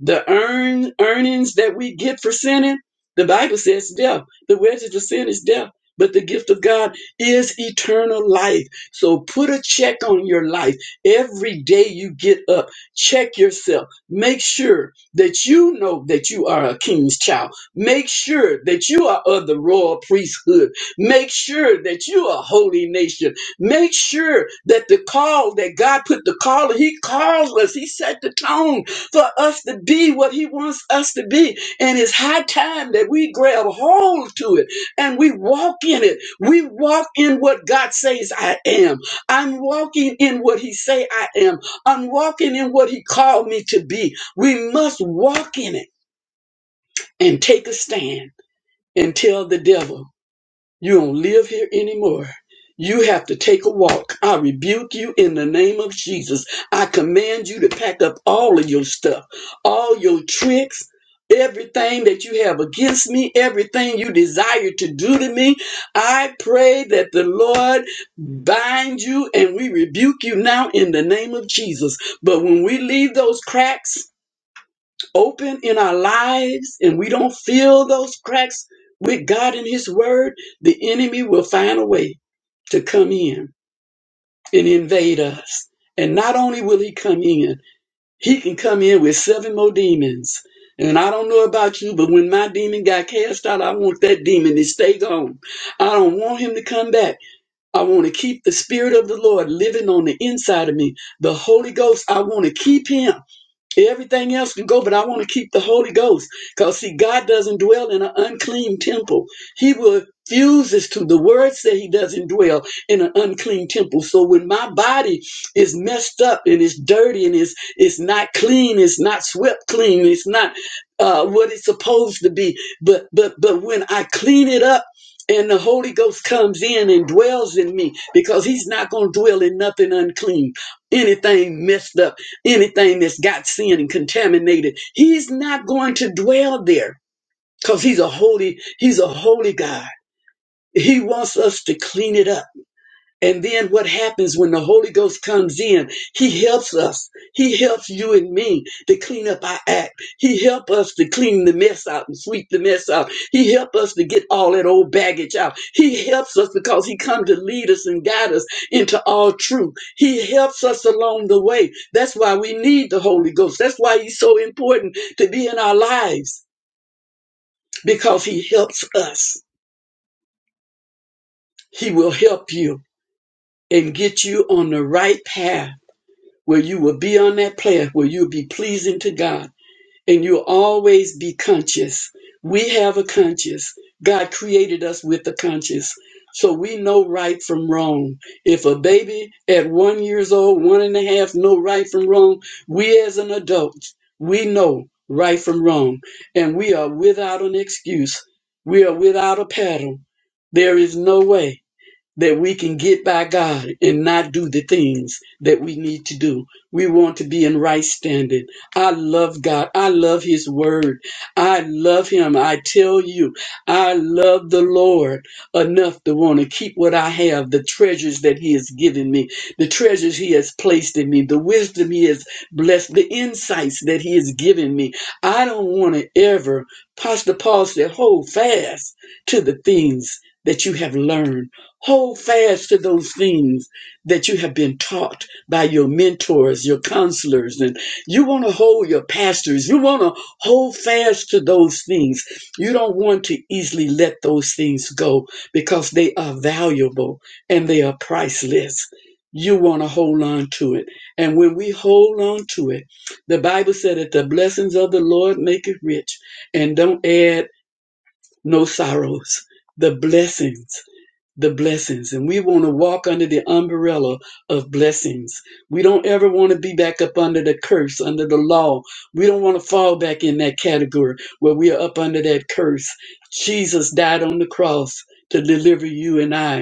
C: the earn earnings that we get for sinning, the Bible says death. The wages of sin is death, but the gift of God is eternal life. So put a check on your life every day you get up. Check yourself. Make sure that you know that you are a king's child. Make sure that you are of the royal priesthood. Make sure that you are a holy nation. Make sure that the call that God put the call, He calls us. He set the tone for us to be what he wants us to be. And it's high time that we grab hold to it and we walk in it. We walk in what God says I am. I'm walking in what he say I am. I'm walking in what he called me to be. We must walk in it and take a stand and tell the devil you don't live here anymore. You have to take a walk. I rebuke you in the name of Jesus. I command you to pack up all of your stuff, all your tricks, everything that you have against me, everything you desire to do to me. I pray that the Lord bind you and we rebuke you now in the name of Jesus. But when we leave those cracks, open in our lives and we don't fill those cracks with God and His Word, the enemy will find a way to come in and invade us. And not only will he come in, he can come in with seven more demons. And I don't know about you, but when my demon got cast out, I want that demon to stay gone. I don't want him to come back. I want to keep the Spirit of the Lord living on the inside of me. The Holy Ghost, I want to keep him. Everything else can go, but I want to keep the Holy Ghost. Because, see, God doesn't dwell in an unclean temple. He refuses to. The word says He doesn't dwell in an unclean temple. So when my body is messed up and it's dirty and it's, it's not clean, it's not swept clean, it's not uh, what it's supposed to be. But, but, but when I clean it up, and the Holy Ghost comes in and dwells in me because He's not going to dwell in nothing unclean, anything messed up anything that's got sin and contaminated he's not going to dwell there because he's a holy he's a holy god he wants us to clean it up and then what happens when the Holy Ghost comes in? He helps us. He helps you and me to clean up our act. He helps us to clean the mess out and sweep the mess out. He helps us to get all that old baggage out. He helps us because he come to lead us and guide us into all truth. He helps us along the way. That's why we need the Holy Ghost. That's why he's so important to be in our lives because he helps us. He will help you and get you on the right path where you will be on that path where you'll be pleasing to God and you'll always be conscious. We have a conscience. God created us with a conscience. So we know right from wrong. If a baby at one years old, one and a half know right from wrong, we as an adult, we know right from wrong. And we are without an excuse. We are without a paddle. There is no way that we can get by God and not do the things that we need to do. We want to be in right standing. I love God. I love His Word. I love Him. I tell you, I love the Lord enough to want to keep what I have, the treasures that He has given me, the treasures He has placed in me, the wisdom He has blessed, the insights that He has given me. I don't want to ever, Pastor Paul said, hold fast to the things that you have learned Hold fast to those things that you have been taught by your mentors, your counselors, and you want to hold your pastors. You want to hold fast to those things. You don't want to easily let those things go because they are valuable and they are priceless. You want to hold on to it. And when we hold on to it, the Bible said that the blessings of the Lord make it rich and don't add no sorrows. The blessings the blessings and we want to walk under the umbrella of blessings. We don't ever want to be back up under the curse, under the law. We don't want to fall back in that category where we are up under that curse. Jesus died on the cross to deliver you and I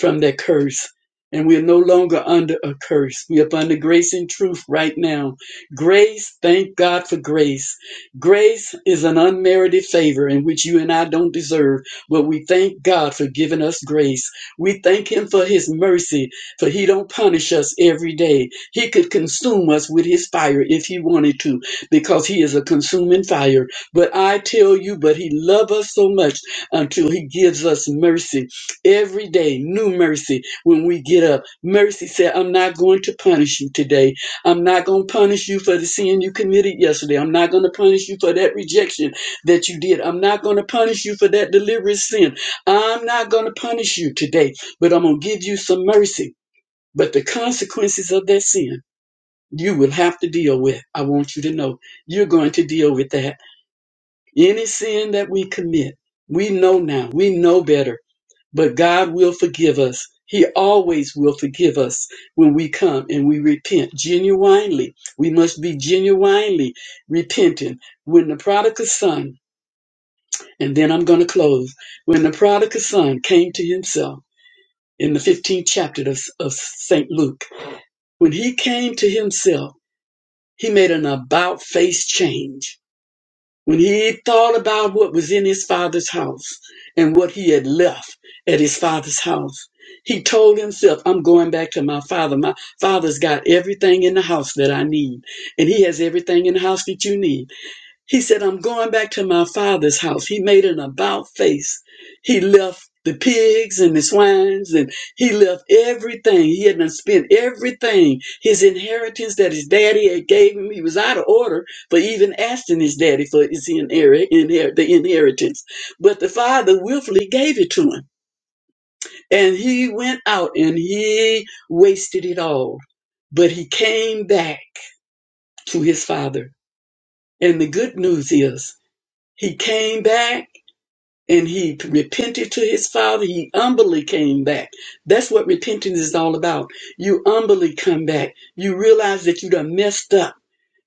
C: from that curse. And we are no longer under a curse. We are under grace and truth right now. Grace, thank God for grace. Grace is an unmerited favor in which you and I don't deserve, but we thank God for giving us grace. We thank Him for His mercy, for He don't punish us every day. He could consume us with His fire if He wanted to, because He is a consuming fire. But I tell you, but He loved us so much until He gives us mercy. Every day, new mercy when we get up. Mercy said, I'm not going to punish you today. I'm not going to punish you for the sin you committed yesterday. I'm not going to punish you for that rejection that you did. I'm not going to punish you for that deliberate sin. I'm not going to punish you today, but I'm going to give you some mercy. But the consequences of that sin, you will have to deal with. I want you to know you're going to deal with that. Any sin that we commit, we know now, we know better but God will forgive us. He always will forgive us when we come and we repent genuinely. We must be genuinely repentant. When the prodigal son, and then I'm going to close, when the prodigal son came to himself in the 15th chapter of, of St. Luke, when he came to himself, he made an about face change When he thought about what was in his father's house and what he had left at his father's house, he told himself, I'm going back to my father. My father's got everything in the house that I need, and he has everything in the house that you need. He said, I'm going back to my father's house. He made an about face. He left the pigs and the swines and he left everything. He had done spent everything. His inheritance that his daddy had gave him. He was out of order for even asking his daddy for his inher- inher- the inheritance. But the father willfully gave it to him. And he went out and he wasted it all. But he came back to his father. And the good news is he came back and he repented to his father. He humbly came back. That's what repentance is all about. You humbly come back. You realize that you done messed up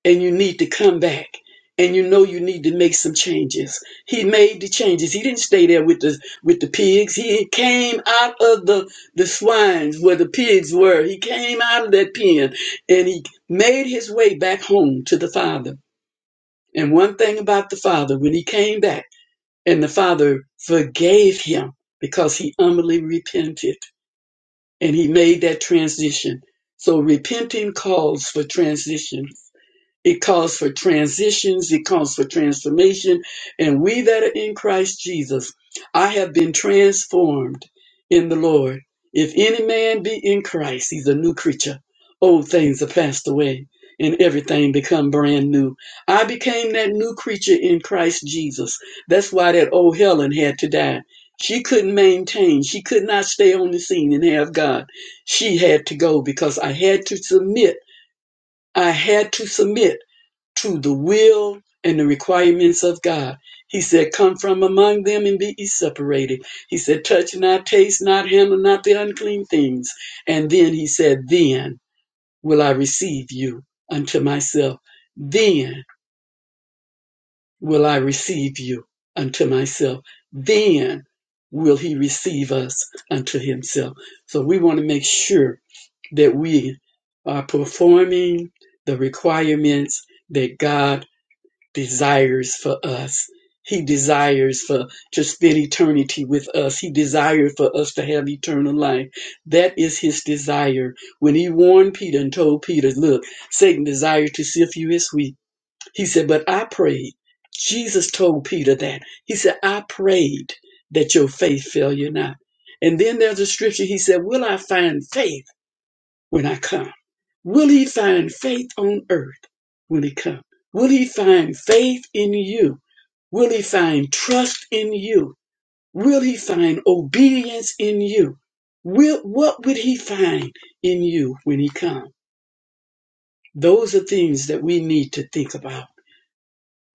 C: and you need to come back. And you know you need to make some changes. He made the changes. He didn't stay there with the with the pigs. He came out of the the swines where the pigs were. He came out of that pen and he made his way back home to the father. And one thing about the father, when he came back. And the Father forgave him because he humbly repented and he made that transition. So repenting calls for transition it calls for transitions. It calls for transformation. And we that are in Christ Jesus, I have been transformed in the Lord. If any man be in Christ, he's a new creature. Old things are passed away and everything become brand new. I became that new creature in Christ Jesus. That's why that old Helen had to die. She couldn't maintain. She could not stay on the scene and have God. She had to go because I had to submit. I had to submit to the will and the requirements of God. He said, Come from among them and be ye separated. He said, Touch not, taste not, handle not the unclean things. And then he said, Then will I receive you unto myself. Then will I receive you unto myself. Then will he receive us unto himself. So we want to make sure that we are performing the requirements that God desires for us. He desires for to spend eternity with us. He desired for us to have eternal life. That is his desire. When he warned Peter and told Peter, look, Satan desired to sift you as wheat. He said, but I prayed. Jesus told Peter that. He said, I prayed that your faith fail you not. And then there's a scripture. He said, will I find faith when I come? Will he find faith on earth when he comes? Will he find faith in you? Will he find trust in you? Will he find obedience in you? Will, what would he find in you when he comes? Those are things that we need to think about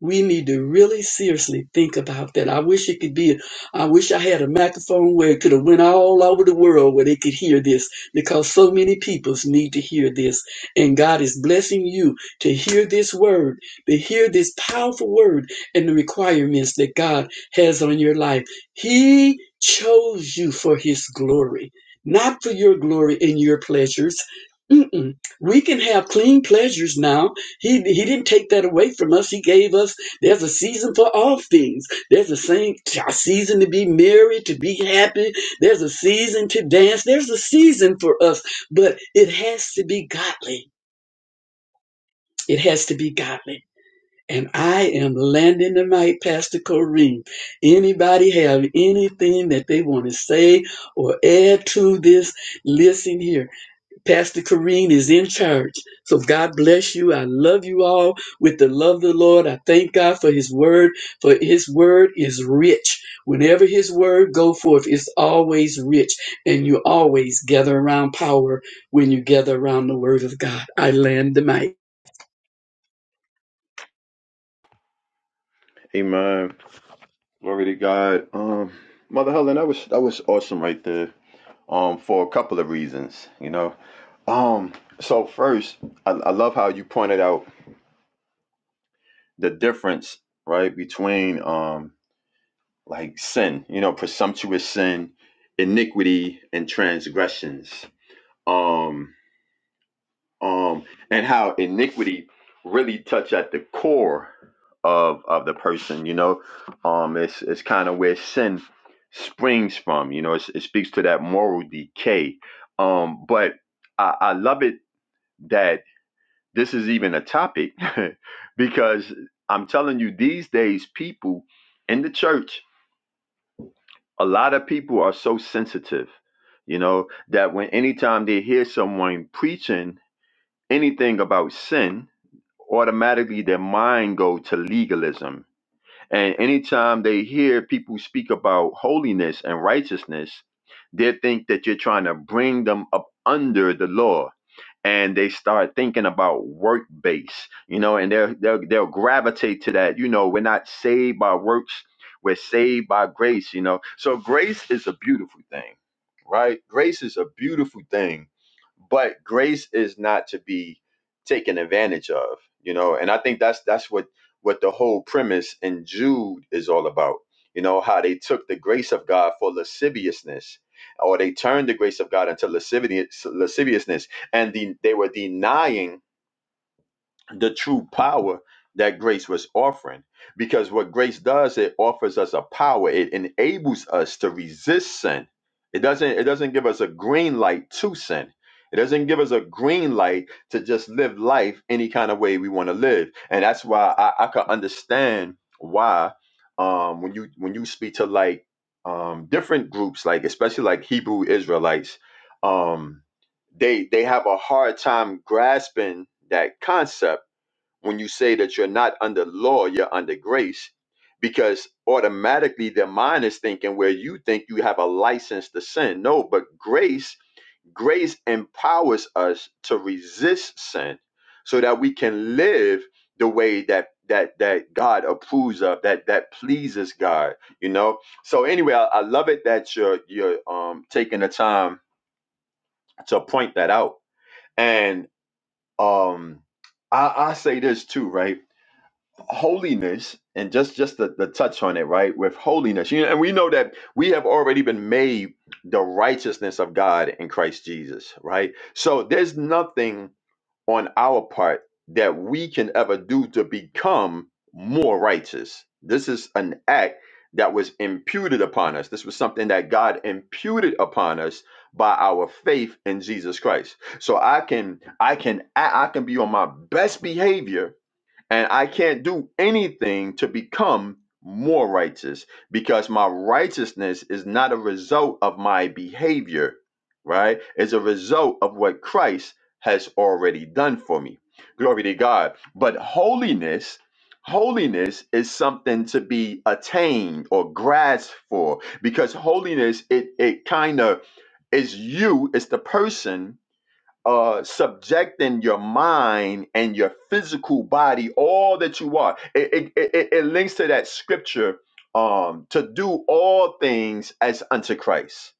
C: we need to really seriously think about that. I wish it could be. I wish I had a microphone where it could have went all over the world where they could hear this, because so many peoples need to hear this. And God is blessing you to hear this word, to hear this powerful word, and the requirements that God has on your life. He chose you for His glory, not for your glory and your pleasures. Mm-mm. We can have clean pleasures now he, he didn't take that away from us. He gave us, there's a season for all things. There's a, same, a season to be merry, to be happy. There's a season to dance. There's a season for us, but it has to be godly. It has to be godly. And I am landing the mic, Pastor Kareem. Anybody have anything that they want to say or add to this? Listen here. Pastor Kareen is in charge. So God bless you. I love you all with the love of the Lord. I thank God for his word, for his word is rich. Whenever his word go forth, it's always rich. And you always gather around power when you gather around the word of God. I land the mic.
B: Amen. Glory to God. Um, Mother Helen, that was that was awesome right there. Um, for a couple of reasons, you know. Um, so first, I, I love how you pointed out the difference, right, between um like sin, you know, presumptuous sin, iniquity, and transgressions. Um, um, and how iniquity really touch at the core of of the person, you know. Um, it's it's kind of where sin springs from, you know. It's, it speaks to that moral decay. Um, but I, I love it that this is even a topic because I'm telling you, these days people in the church a lot of people are so sensitive, you know, that when anytime they hear someone preaching anything about sin, automatically their mind go to legalism. And anytime they hear people speak about holiness and righteousness, they think that you're trying to bring them up under the law and they start thinking about work base, you know, and they'll, they'll they'll gravitate to that. You know, we're not saved by works, we're saved by grace, you know. So grace is a beautiful thing, right? Grace is a beautiful thing, but grace is not to be taken advantage of, you know. And I think that's that's what what the whole premise in Jude is all about. You know, how they took the grace of God for lasciviousness, or they turned the grace of God into lascivious, lasciviousness and the, they were denying the true power that grace was offering. Because what grace does, it offers us a power. It enables us to resist sin. It doesn't, it doesn't give us a green light to sin. It doesn't give us a green light to just live life any kind of way we want to live. And that's why I, I could understand why um when you when you speak to like um different groups, like especially like Hebrew Israelites, um, they they have a hard time grasping that concept when you say that you're not under law, you're under grace, because automatically their mind is thinking where you think you have a license to sin. No, but grace, grace empowers us to resist sin so that we can live the way that that that God approves of, that that pleases God, you know. So anyway, I, I love it that you're you're um taking the time to point that out. And um I, I say this too, right? holiness and just just the, the touch on it right with holiness you know, and we know that we have already been made the righteousness of god in christ jesus right so there's nothing on our part that we can ever do to become more righteous this is an act that was imputed upon us this was something that god imputed upon us by our faith in jesus christ so i can i can i I can be on my best behavior and I can't do anything to become more righteous because my righteousness is not a result of my behavior, right? It's a result of what Christ has already done for me. Glory to God. But holiness, holiness is something to be attained or grasped for because holiness, it, it kind of is you, it's the person uh, subjecting your mind and your physical body, all that you are. It, it, it, it links to that scripture um, to do all things as unto Christ,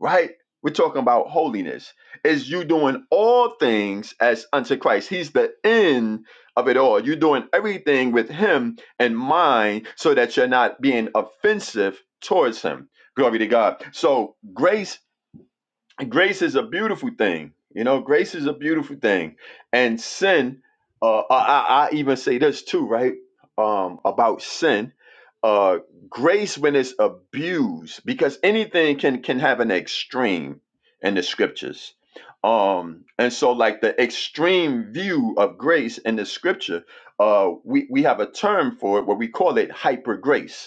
B: right? We're talking about holiness. Is you doing all things as unto Christ? He's the end of it all. You're doing everything with Him in mind so that you're not being offensive towards Him. Glory to God. So grace grace is a beautiful thing. You know, grace is a beautiful thing. And sin, uh, I, I I even say this too, right? Um, about sin, uh, grace when it's abused, because anything can can have an extreme in the scriptures. Um, and so like the extreme view of grace in the scripture, uh, we, we have a term for it where we call it hyper grace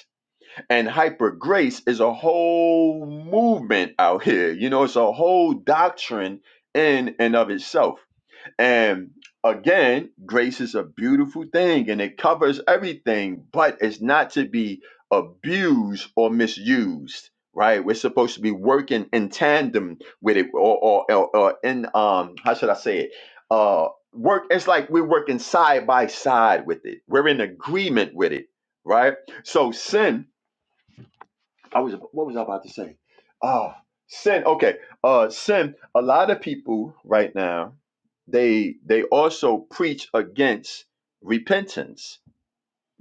B: and hyper grace is a whole movement out here. You know, it's a whole doctrine in and of itself. And again, grace is a beautiful thing and it covers everything, but it's not to be abused or misused, right? We're supposed to be working in tandem with it or, or, or, or in, um, how should I say it? Uh, work, it's like we're working side by side with it, we're in agreement with it, right? So sin I was what was I about to say? Ah, sin. Okay, uh, sin. A lot of people right now they they also preach against repentance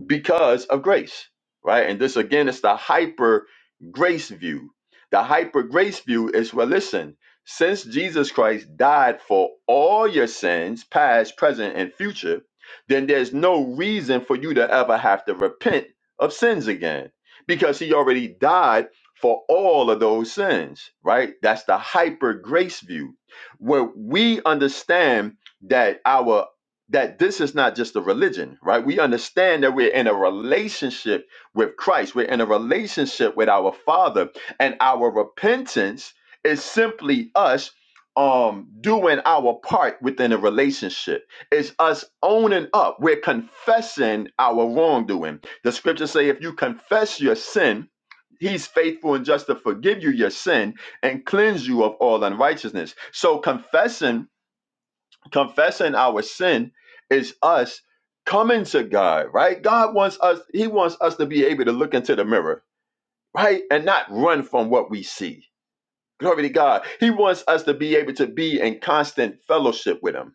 B: because of grace, right? And this again is the hyper grace view. The hyper grace view is well, listen, since Jesus Christ died for all your sins, past, present, and future, then there's no reason for you to ever have to repent of sins again because he already died for all of those sins, right? That's the hyper grace view where we understand that our that this is not just a religion, right? We understand that we're in a relationship with Christ, we're in a relationship with our Father, and our repentance is simply us um doing our part within a relationship it's us owning up we're confessing our wrongdoing the scriptures say if you confess your sin he's faithful and just to forgive you your sin and cleanse you of all unrighteousness so confessing confessing our sin is us coming to God, right? God wants us, He wants us to be able to look into the mirror, right? And not run from what we see. Glory to God. He wants us to be able to be in constant fellowship with Him.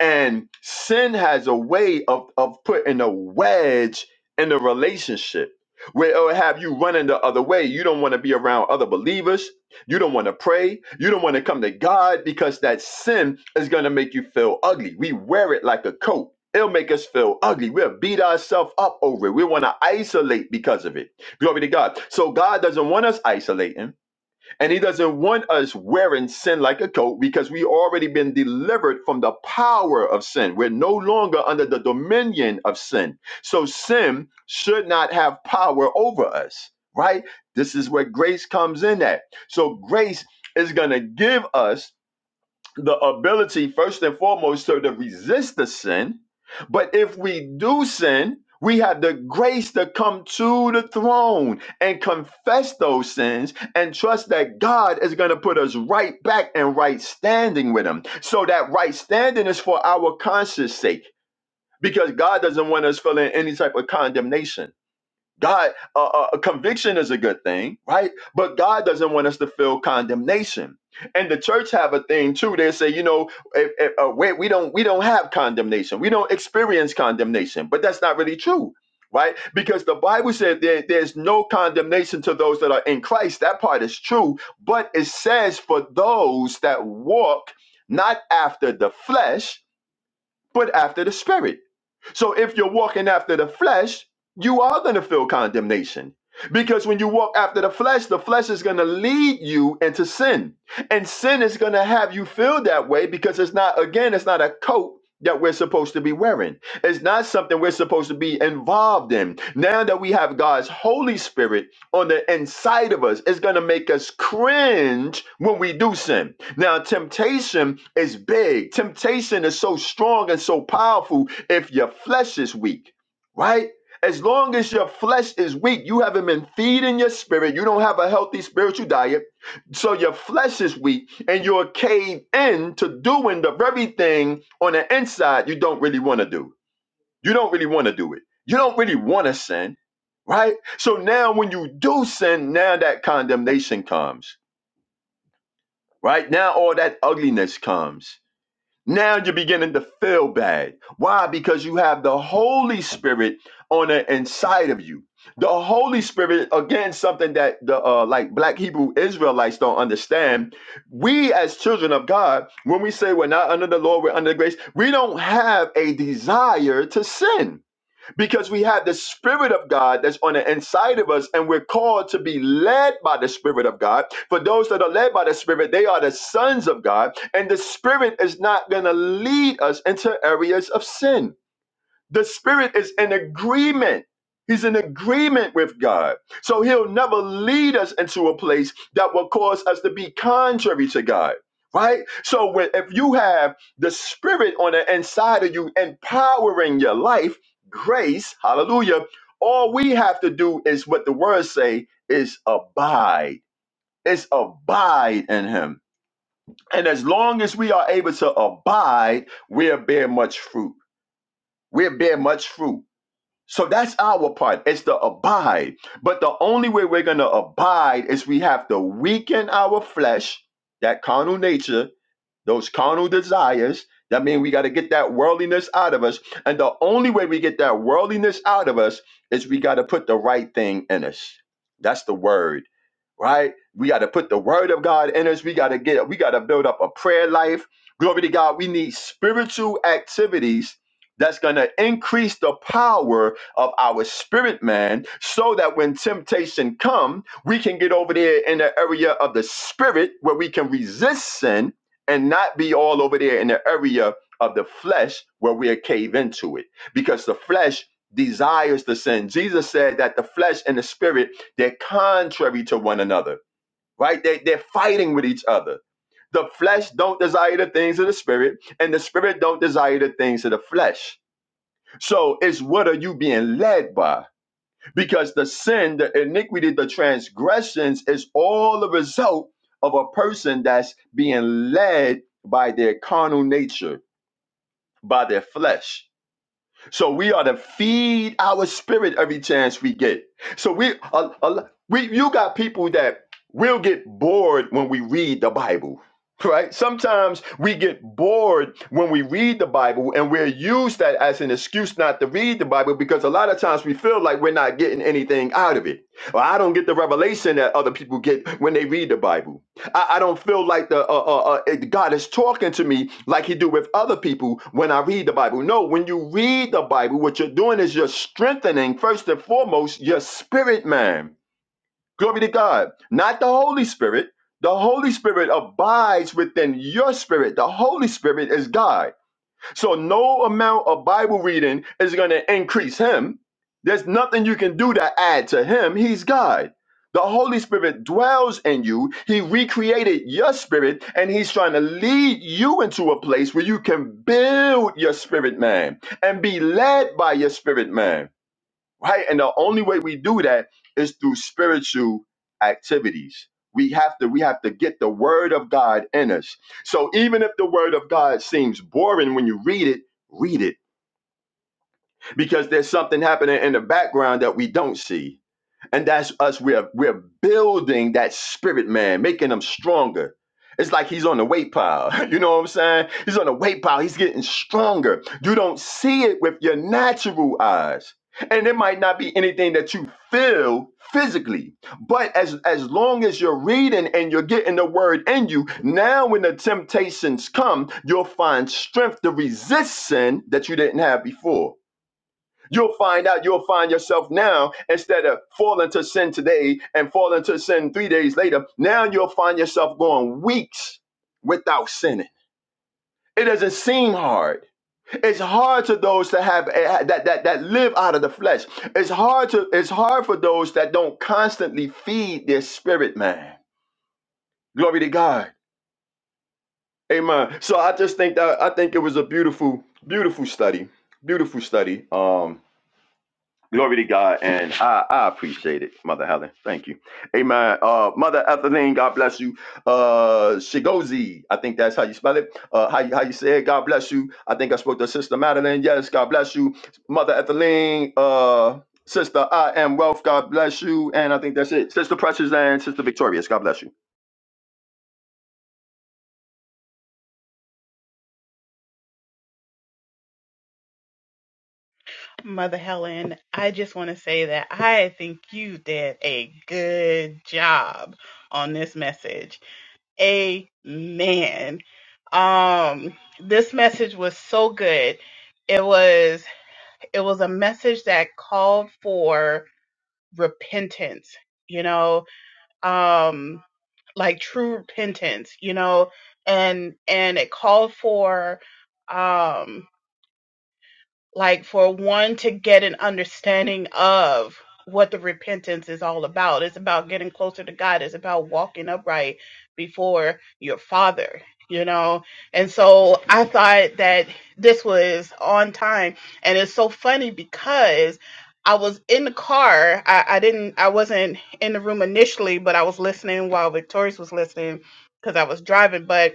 B: And sin has a way of, of putting a wedge in a relationship where it'll have you running the other way. You don't want to be around other believers. You don't want to pray. You don't want to come to God because that sin is going to make you feel ugly. We wear it like a coat. It'll make us feel ugly. We'll beat ourselves up over it. We want to isolate because of it. Glory to God. So God doesn't want us isolating. And he doesn't want us wearing sin like a coat because we already been delivered from the power of sin. We're no longer under the dominion of sin. So sin should not have power over us, right? This is where grace comes in at. So grace is going to give us the ability, first and foremost, to, to resist the sin. But if we do sin, we have the grace to come to the throne and confess those sins and trust that God is going to put us right back in right standing with Him. So that right standing is for our conscience sake because God doesn't want us feeling any type of condemnation. God, uh, uh, conviction is a good thing, right? But God doesn't want us to feel condemnation. And the church have a thing too. They say, you know, if, if, uh, we, we don't we don't have condemnation. We don't experience condemnation. But that's not really true, right? Because the Bible said there, there's no condemnation to those that are in Christ. That part is true. But it says for those that walk not after the flesh, but after the spirit so if you're walking after the flesh, you are going to feel condemnation. Because when you walk after the flesh, the flesh is going to lead you into sin. And sin is going to have you feel that way because it's not, again, it's not a coat that we're supposed to be wearing. It's not something we're supposed to be involved in. Now that we have God's Holy Spirit, on the inside of us. It's going to make us cringe when we do sin. Now, temptation is big. Temptation is so strong and so powerful if your flesh is weak, right? As long as your flesh is weak, you haven't been feeding your spirit. You don't have a healthy spiritual diet. So your flesh is weak and you're caved in to doing the very thing on the inside you don't really want to do. You don't really want to do it. You don't really want to sin, right? So now when you do sin, now that condemnation comes, right? Now all that ugliness comes. Now you're beginning to feel bad. Why? Because you have the Holy Spirit on the inside of you. The Holy Spirit, again, something that the uh, like Black Hebrew Israelites don't understand. We as children of God, when we say we're not under the law, we're under grace. We don't have a desire to sin because we have the Spirit of God that's on the inside of us, and we're called to be led by the Spirit of God. For those that are led by the Spirit, they are the sons of God, and the Spirit is not going to lead us into areas of sin. The Spirit is in agreement. He's in agreement with God. So he'll never lead us into a place that will cause us to be contrary to God. Right? So when if you have the spirit on the inside of you empowering your life, grace, hallelujah, all we have to do is what the words say is abide. Is abide in him. And as long as we are able to abide, we'll bear much fruit. We'll bear much fruit. So that's our part. It's the abide. But the only way we're going to abide is we have to weaken our flesh, that carnal nature, those carnal desires. That means we got to get that worldliness out of us. And the only way we get that worldliness out of us is we got to put the right thing in us. That's the word, right? We got to put the word of God in us. We got to get, we got to build up a prayer life. Glory to God. We need spiritual activities that's going to increase the power of our spirit man so that when temptation come we can get over there in the area of the spirit where we can resist sin and not be all over there in the area of the flesh where we cave into it because the flesh desires the sin jesus said that the flesh and the spirit they're contrary to one another right they, they're fighting with each other the flesh don't desire the things of the spirit and the spirit don't desire the things of the flesh so it's what are you being led by because the sin, the iniquity, the transgressions is all the result of a person that's being led by their carnal nature, by their flesh. So we are to feed our spirit every chance we get. So we, a, a, we, you got people that will get bored when we read the Bible. Right? Sometimes we get bored when we read the Bible and we're used that as an excuse not to read the Bible because a lot of times we feel like we're not getting anything out of it. Or I don't get the revelation that other people get when they read the Bible. I, I don't feel like the uh, uh, uh, God is talking to me like He do with other people when I read the Bible. No, when you read the Bible, what you're doing is you're strengthening first and foremost your spirit, man. Glory to God, not the Holy Spirit. The Holy Spirit abides within your spirit. The Holy Spirit is God. So no amount of Bible reading is going to increase him. There's nothing you can do to add to him. He's God. The Holy Spirit dwells in you. He recreated your spirit and he's trying to lead you into a place where you can build your spirit man and be led by your spirit man right? And the only way we do that is through spiritual activities. We have to we have to get the word of God in us. So even if the word of God seems boring when you read it, read it because there's something happening in the background that we don't see and that's us. We're we're building that spirit, man, making them stronger. It's like he's on the weight pile. You know what I'm saying? He's on the weight pile. He's getting stronger. You don't see it with your natural eyes. And it might not be anything that you feel physically. But as as long as you're reading and you're getting the word in you, now when the temptations come, you'll find strength to resist sin that you didn't have before. You'll find out, you'll find yourself now, instead of falling to sin today and falling to sin three days later, now you'll find yourself going weeks without sinning. It doesn't seem hard. It's hard to those that have eh, that that that live out of the flesh. It's hard to it's hard for those that don't constantly feed their spirit man. Glory to God. Amen. So I just think that I think it was a beautiful, beautiful study. Beautiful study. Um Glory to God, and I, I appreciate it, Mother Helen. Thank you. Amen. Uh, Mother Ethelene, God bless you. Uh, Shigozi, I think that's how you spell it. Uh, how you, how you say it? God bless you. I think I spoke to Sister Madeline. Yes, God bless you. Mother Ethelene, uh, Sister I Am Wealth, God bless you. And I think that's it. Sister Precious and Sister Victorious, God bless you.
F: Mother Helen, I just want to say that I think you did a good job on this message. Amen. Um this message was so good. It was it was a message that called for repentance, you know, um like true repentance, you know, and and it called for um like for one to get an understanding of what the repentance is all about. It's about getting closer to God. It's about walking upright before your Father, you know? And so I thought that this was on time. And it's so funny because I was in the car. I, I didn't, I wasn't in the room initially, but I was listening while Victorious was listening because I was driving. But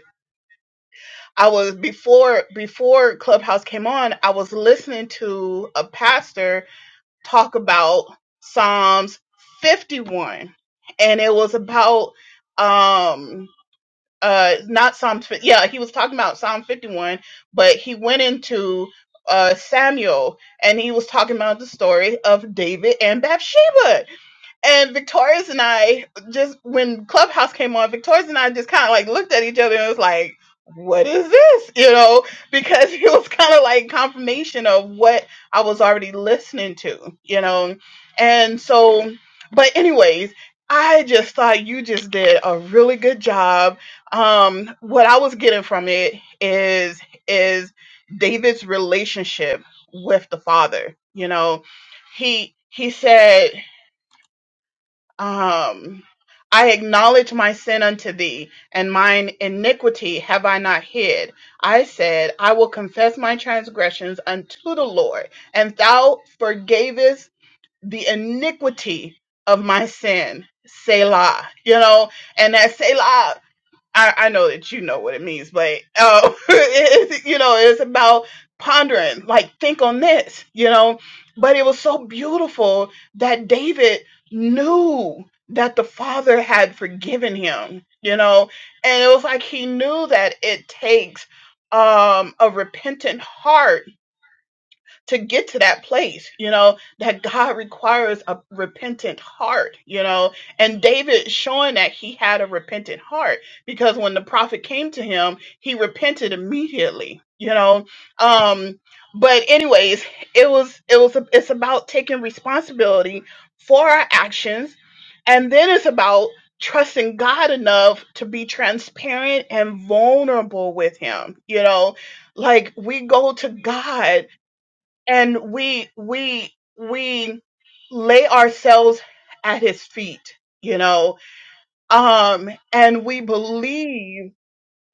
F: I was before before Clubhouse came on, I was listening to a pastor talk about Psalms 51 and it was about um uh not Psalms fif- yeah, he was talking about Psalm 51, but he went into uh Samuel and he was talking about the story of David and Bathsheba and Victoria's and I just when Clubhouse came on, Victoria's and I just kind of like looked at each other and was like, "What is this?" You know, because it was kind of like confirmation of what I was already listening to. You know, and so, but anyways. I just thought you just did a really good job. Um, what I was getting from it is is David's relationship with the Father. You know, he he said um, I acknowledge my sin unto thee, and mine iniquity have I not hid. I said, I will confess my transgressions unto the Lord, and thou forgavest the iniquity of my sin. Selah, you know, and that Selah I, I know that you know what it means, but uh, it, you know, it's about pondering, like think on this, you know. But it was so beautiful that David knew that the Father had forgiven him, you know, and it was like he knew that it takes um, a repentant heart to get to that place, you know, that God requires a repentant heart, you know. And David showing that he had a repentant heart because when the prophet came to him, he repented immediately, you know. Um but anyways, it was it was it's about taking responsibility for our actions and then it's about trusting God enough to be transparent and vulnerable with him, you know. Like we go to God and we we we lay ourselves at his feet you know um and we believe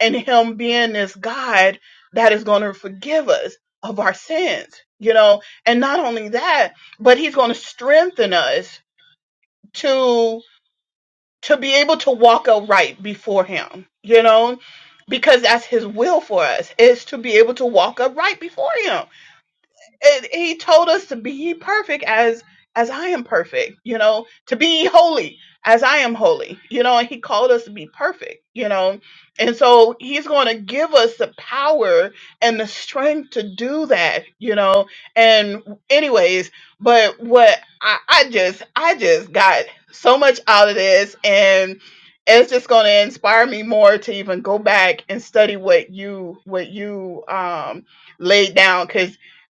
F: in him being this god that is going to forgive us of our sins you know and not only that but he's going to strengthen us to to be able to walk upright before him you know because that's his will for us is to be able to walk upright before him and he told us to be perfect as as I am perfect, you know, to be holy as I am holy, you know, and he called us to be perfect, you know. And so he's going to give us the power and the strength to do that, you know. And anyways, but what I, I just I just got so much out of this and it's just going to inspire me more to even go back and study what you what you um laid down because.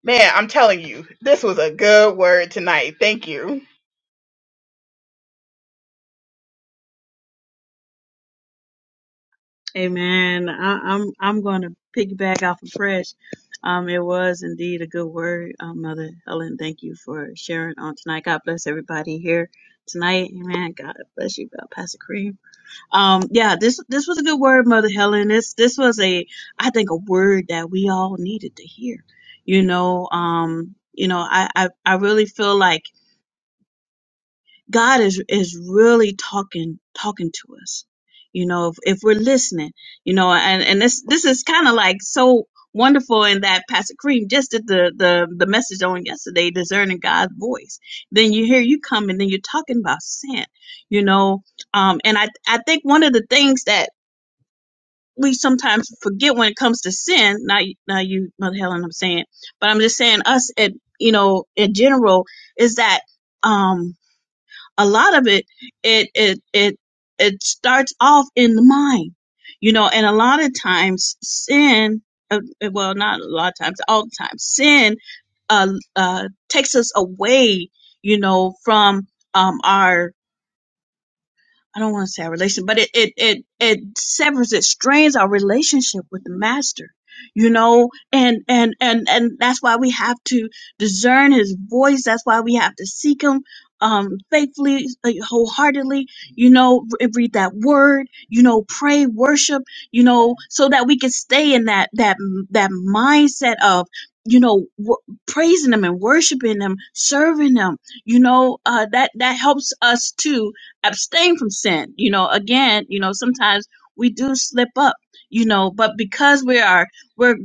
F: Man, I'm telling you, this was a good word tonight. Thank you.
G: Amen. I, I'm I'm going to piggyback off of Fresh. Um, it was indeed a good word, um, Mother Helen. Thank you for sharing on tonight. God bless everybody here tonight. Amen. God bless you, uh, Pastor Kareem. Um, yeah, this this was a good word, Mother Helen. This this was a I think a word that we all needed to hear. You know, um, you know, I I, I really feel like God is is really talking talking to us. You know, if, if we're listening, you know, and and this this is kind of like so wonderful in that Pastor Cream just did the the the message on yesterday, discerning God's voice. Then you hear you come and then you're talking about sin, you know, um, and I I think one of the things that we sometimes forget when it comes to sin. not you- now you, Mother Helen, I'm saying, but I'm just saying us at you know in general is that um a lot of it it it it it starts off in the mind you know and a lot of times sin uh, uh, well not a lot of times all the time sin uh, uh takes us away you know from um our I don't want to say our relation, but it, it it it severs, it strains our relationship with the master, you know, and and and and that's why we have to discern his voice. That's why we have to seek him um faithfully, uh, wholeheartedly, you know, re- read that word, you know, pray, worship, you know, so that we can stay in that that that mindset of you know w- praising him and worshiping him serving him you know uh that that helps us too abstain from sin. You know, again, you know, sometimes we do slip up, you know, but because we are we're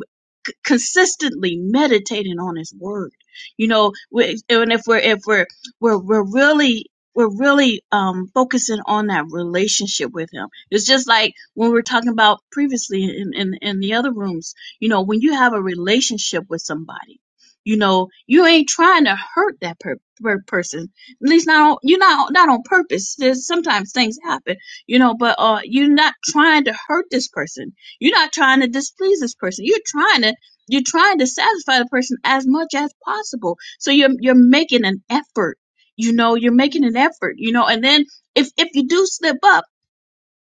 G: c- consistently meditating on his word you know we, and if we're if we're we're, we're really we're really um, focusing on that relationship with him it's just like when we were talking about previously in, in in the other rooms you know when you have a relationship with somebody you know you ain't trying to hurt that per- per- person at least not on you're not not on purpose. There's sometimes things happen, you know, but uh you're not trying to hurt this person. You're not trying to displease this person. You're trying to you're trying to satisfy the person as much as possible. So you're you're making an effort. You know, you're making an effort, you know, and then if if you do slip up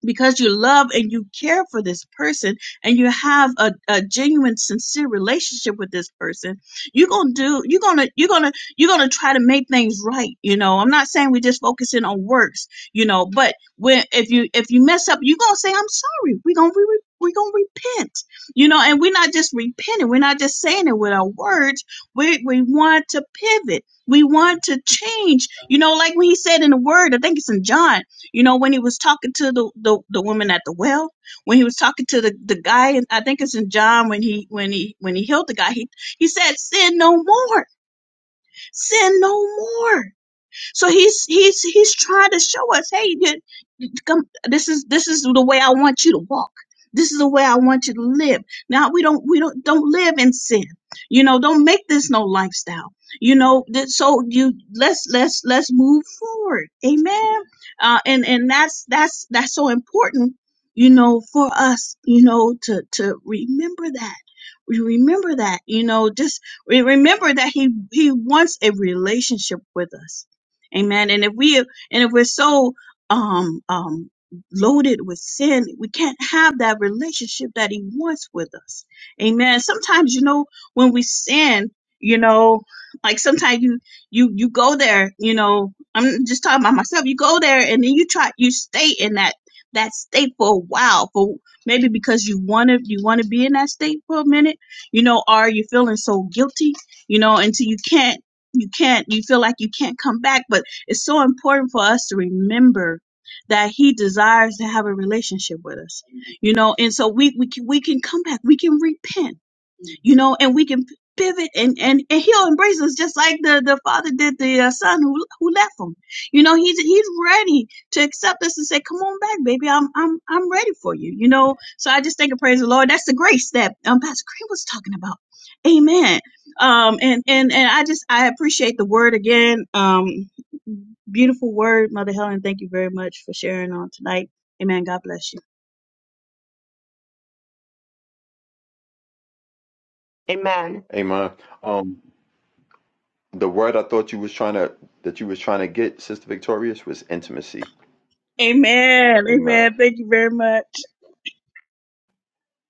G: because you love and you care for this person and you have a, a genuine sincere relationship with this person you're gonna do you're gonna you're gonna you're gonna try to make things right you know i'm not saying we just focus in on works you know but when if you if you mess up you're gonna say i'm sorry we're gonna re- we're gonna repent you know and we're not just repenting we're not just saying it with our words we we want to pivot we want to change you know like when he said in the word i think it's in john you know, when he was talking to the, the, the woman at the well, when he was talking to the, the guy, and I think it's in John when he when he when he healed the guy, he he said, Sin no more, sin no more. So he's he's he's trying to show us, hey, you- you come- this is this is the way I want you to walk. This is the way I want you to live. Now we don't we don't don't live in sin. You know, don't make this no lifestyle. You know, that- so you let's let's let's move forward. Amen. Uh, and and that's that's that's so important. You know, for us, you know, to to remember that. We remember that, you know, just we remember that he he wants a relationship with us Amen. And if we and if we're so um um loaded with sin, we can't have that relationship that he wants with us. Amen. Sometimes, you know, when we sin, you know, like sometimes you you you go there, you know, I'm just talking about myself. You go there and then you try you stay in that that state for a while for maybe because you want to you want to be in that state for a minute, you know, or you're feeling so guilty, you know, until you can't you can't you feel like you can't come back but it's so important for us to remember that he desires to have a relationship with us. You know, and so we we can, we can come back. We can repent you know, and we can pivot and, and, and he'll embrace us just like the, the father did the uh, son who, who left him. You know, he's, he's ready to accept us and say, come on back, baby. I'm, I'm, I'm ready for you. You know, so I just think and praise the Lord. That's the grace that um, Pastor Green was talking about. Amen. Um, and, and, and I just, I appreciate the word again. Um, beautiful word, Mother Helen. Thank you very much for sharing on tonight. Amen. God bless you.
H: Amen.
B: Amen. Um, the word I thought you was trying to that you was trying to get, Sister Victorious, was intimacy.
G: Amen.
B: Amen.
G: Amen. Thank you very much.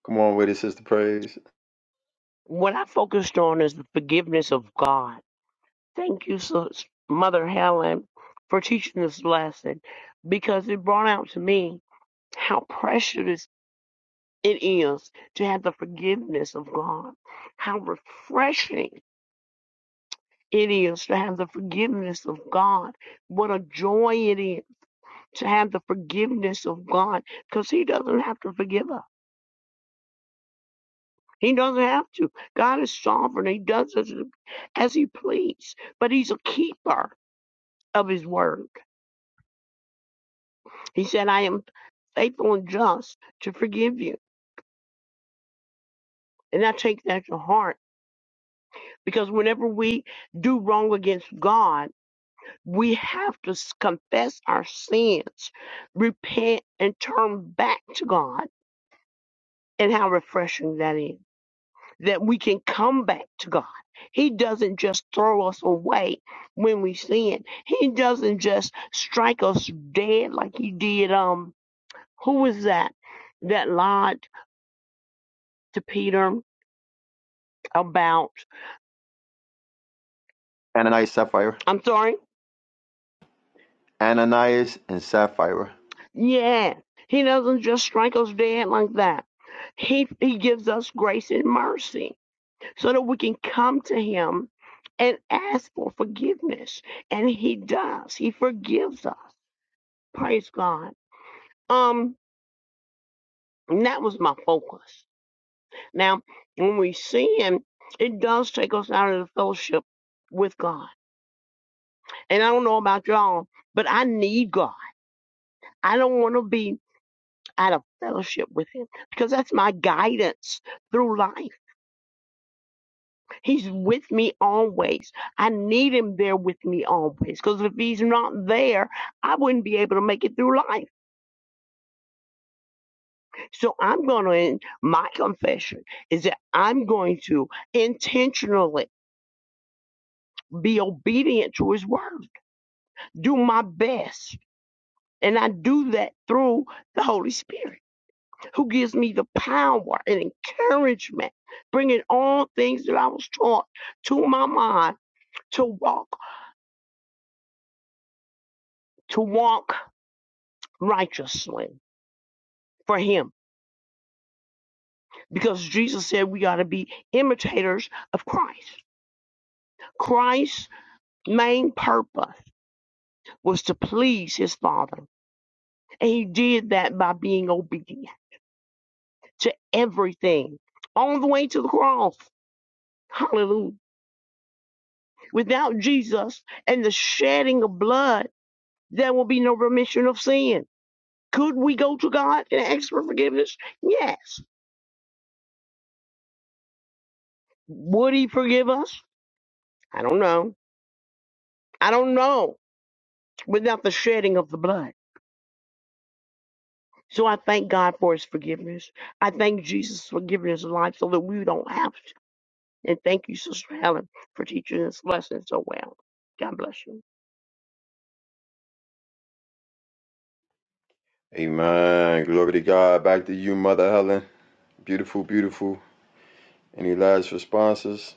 B: Come on with it, Sister Praise.
H: What I focused on is the forgiveness of God. Thank you, Sis- Mother Helen, for teaching this lesson because it brought out to me how precious it is to have the forgiveness of God, how refreshing it is to have the forgiveness of God. What a joy it is to have the forgiveness of God because He doesn't have to forgive us. He doesn't have to. God is sovereign. He does as, as he please, but he's a keeper of his word. He said, I am faithful and just to forgive you. And I take that to heart because whenever we do wrong against God, we have to s- confess our sins, repent, and turn back to God. And how refreshing that is. that we can come back to God. He doesn't just throw us away when we sin. He doesn't just strike us dead like he did um who was that that lied to Peter about
B: Ananias Sapphire
H: I'm sorry?
B: Ananias and Sapphira.
H: Yeah. He doesn't just strike us dead like that. He he gives us grace and mercy so that we can come to him and ask for forgiveness. And he does. He forgives us. Praise God. Um And that was my focus. Now, when we sin, it does take us out of the fellowship with God. And I don't know about y'all, but I need God. I don't want to be out of fellowship with Him because that's my guidance through life. He's with me always. I need Him there with me always because if He's not there, I wouldn't be able to make it through life. So I'm going to, my confession is that I'm going to intentionally be obedient to his word, do my best. And I do that through the Holy Spirit, who gives me the power and encouragement, bringing all things that I was taught to my mind to walk, to walk righteously for him. Because Jesus said we got to be imitators of Christ. Christ's main purpose was to please his Father. And he did that by being obedient. to everything all the way to the cross. Hallelujah. Without Jesus and the shedding of blood, there will be no remission of sin. Could we go to God and ask for forgiveness? Yes. Would He forgive us? I don't know. I don't know without the shedding of the blood. So I thank God for His forgiveness. I thank Jesus for giving His life so that we don't have to. And thank you, Sister Helen, for teaching this lesson so well. God bless you.
B: Amen. Glory to God. Back to you, Mother Helen. Beautiful, beautiful. Any last responses?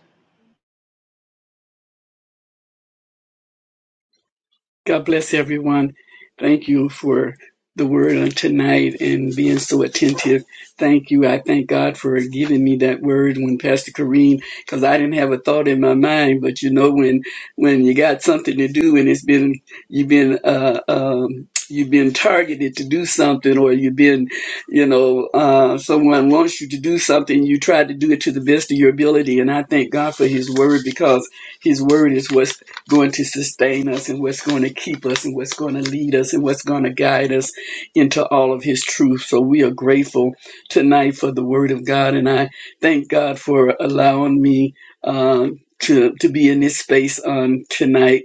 C: God bless everyone. Thank you for the word on tonight and being so attentive. Thank you. I thank God for giving me that word when Pastor Kareem, because I didn't have a thought in my mind. But you know, when when you got something to do and it's been you've been uh, um, you've been targeted to do something, or you've been, you know, uh, someone wants you to do something, you try to do it to the best of your ability. And I thank God for His word because His word is what's going to sustain us and what's going to keep us and what's going to lead us and what's going to guide us into all of his truth. So we are grateful tonight for the word of God. And I thank God for allowing me um, to, to be in this space on tonight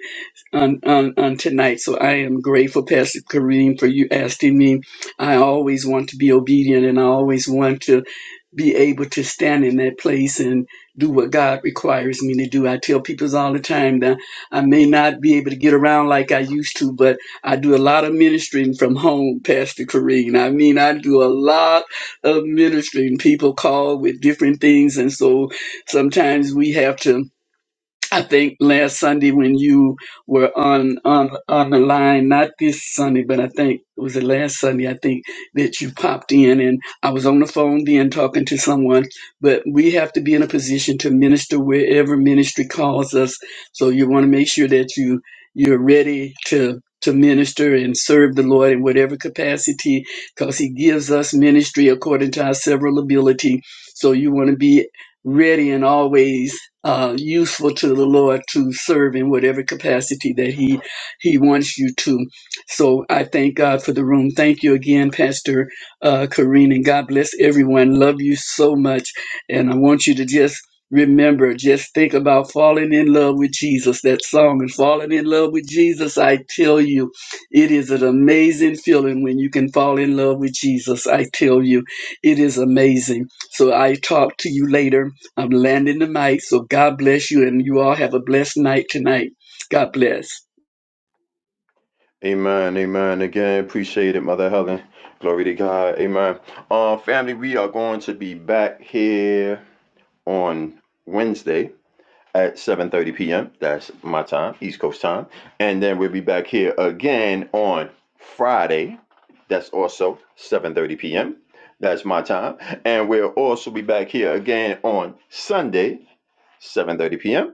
C: on, on, on tonight. So I am grateful, Pastor Kareem, for you asking me. I always want to be obedient and I always want to be able to stand in that place and do what God requires me to do. I tell people all the time that I may not be able to get around like I used to, but I do a lot of ministering from home, Pastor Kareem. I mean, I do a lot of ministering. People call with different things. And so sometimes we have to I think last Sunday when you were on on on the line, not this Sunday, but I think it was the last Sunday. I think that you popped in, and I was on the phone then talking to someone. But we have to be in a position to minister wherever ministry calls us. So you want to make sure that you you're ready to to minister and serve the Lord in whatever capacity, because He gives us ministry according to our several ability. So you want to be ready and always uh, useful to the Lord to serve in whatever capacity that He He wants you to. So I thank God for the room. Thank you again, Pastor uh, Kareen, and God bless everyone. Love you so much, and I want you to just remember, just think about falling in love with Jesus. That song and falling in love with Jesus. I tell you, it is an amazing feeling when you can fall in love with Jesus. I tell you, it is amazing. So I talk to you later I'm landing the mic. So God bless you, and you all have a blessed night tonight. God bless.
B: Amen. Amen. Again, appreciate it, Mother Helen. Glory to God. Amen. Uh, family, we are going to be back here on Wednesday. at 7.30 p.m. That's my time, East Coast time. And then we'll be back here again on Friday. That's also 7.30 p.m. That's my time. And we'll also be back here again on Sunday, 7.30 p.m.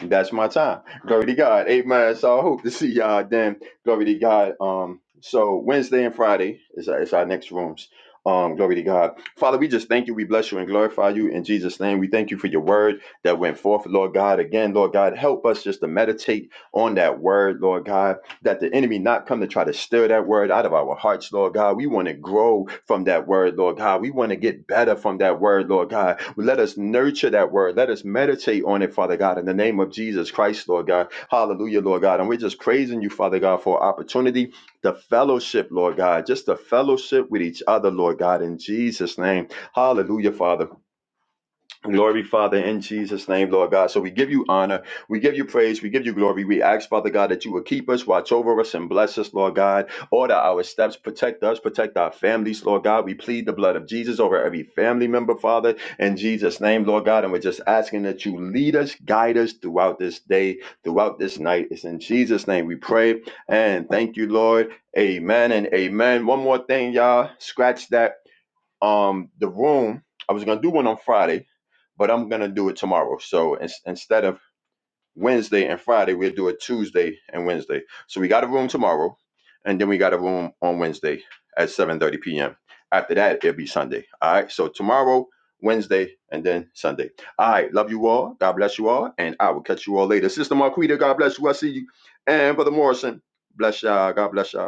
B: That's my time. Glory to God. Amen. So I hope to see y'all then. Glory to God. Um, so Wednesday and Friday is our, is our next rooms. Um, glory to God. Father, we just thank you. We bless you and glorify you in Jesus' name. We thank you for your word that went forth, Lord God. Again, Lord God, help us just to meditate on that word, Lord God that the enemy not come to try to stir that word out of our hearts, Lord God. We want to grow from that word, Lord God. We want to get better from that word, Lord God. Let us nurture that word. Let us meditate on it, Father God, in the name of Jesus Christ, Lord God. Hallelujah, Lord God. And we're just praising you, Father God, for opportunity, the fellowship, Lord God, just the fellowship with each other, Lord God, in Jesus' name. Hallelujah, Father. Glory, Father, in Jesus' name, Lord God. So we give you honor, we give you praise, we give you glory. We ask, Father God, that you would keep us, watch over us, and bless us, Lord God. Order our steps, protect us, protect our families, Lord God. We plead the blood of Jesus over every family member, Father, in Jesus' name, Lord God. And we're just asking that you lead us, guide us throughout this day, throughout this night. It's in Jesus' name we pray and thank you, Lord. Amen and amen. One more thing, y'all. Scratch that. Um, the room I was gonna do one on Friday, but I'm gonna do it tomorrow. So in, instead of Wednesday and Friday, we'll do it Tuesday and Wednesday. So we got a room tomorrow, and then we got a room on Wednesday at 7:30 p.m. After that, it'll be Sunday. All right. So tomorrow, Wednesday, and then Sunday. All right. Love you all. God bless you all, and I will catch you all later. Sister Marquita, God bless you. I see you, and Brother Morrison, bless y'all. God bless y'all.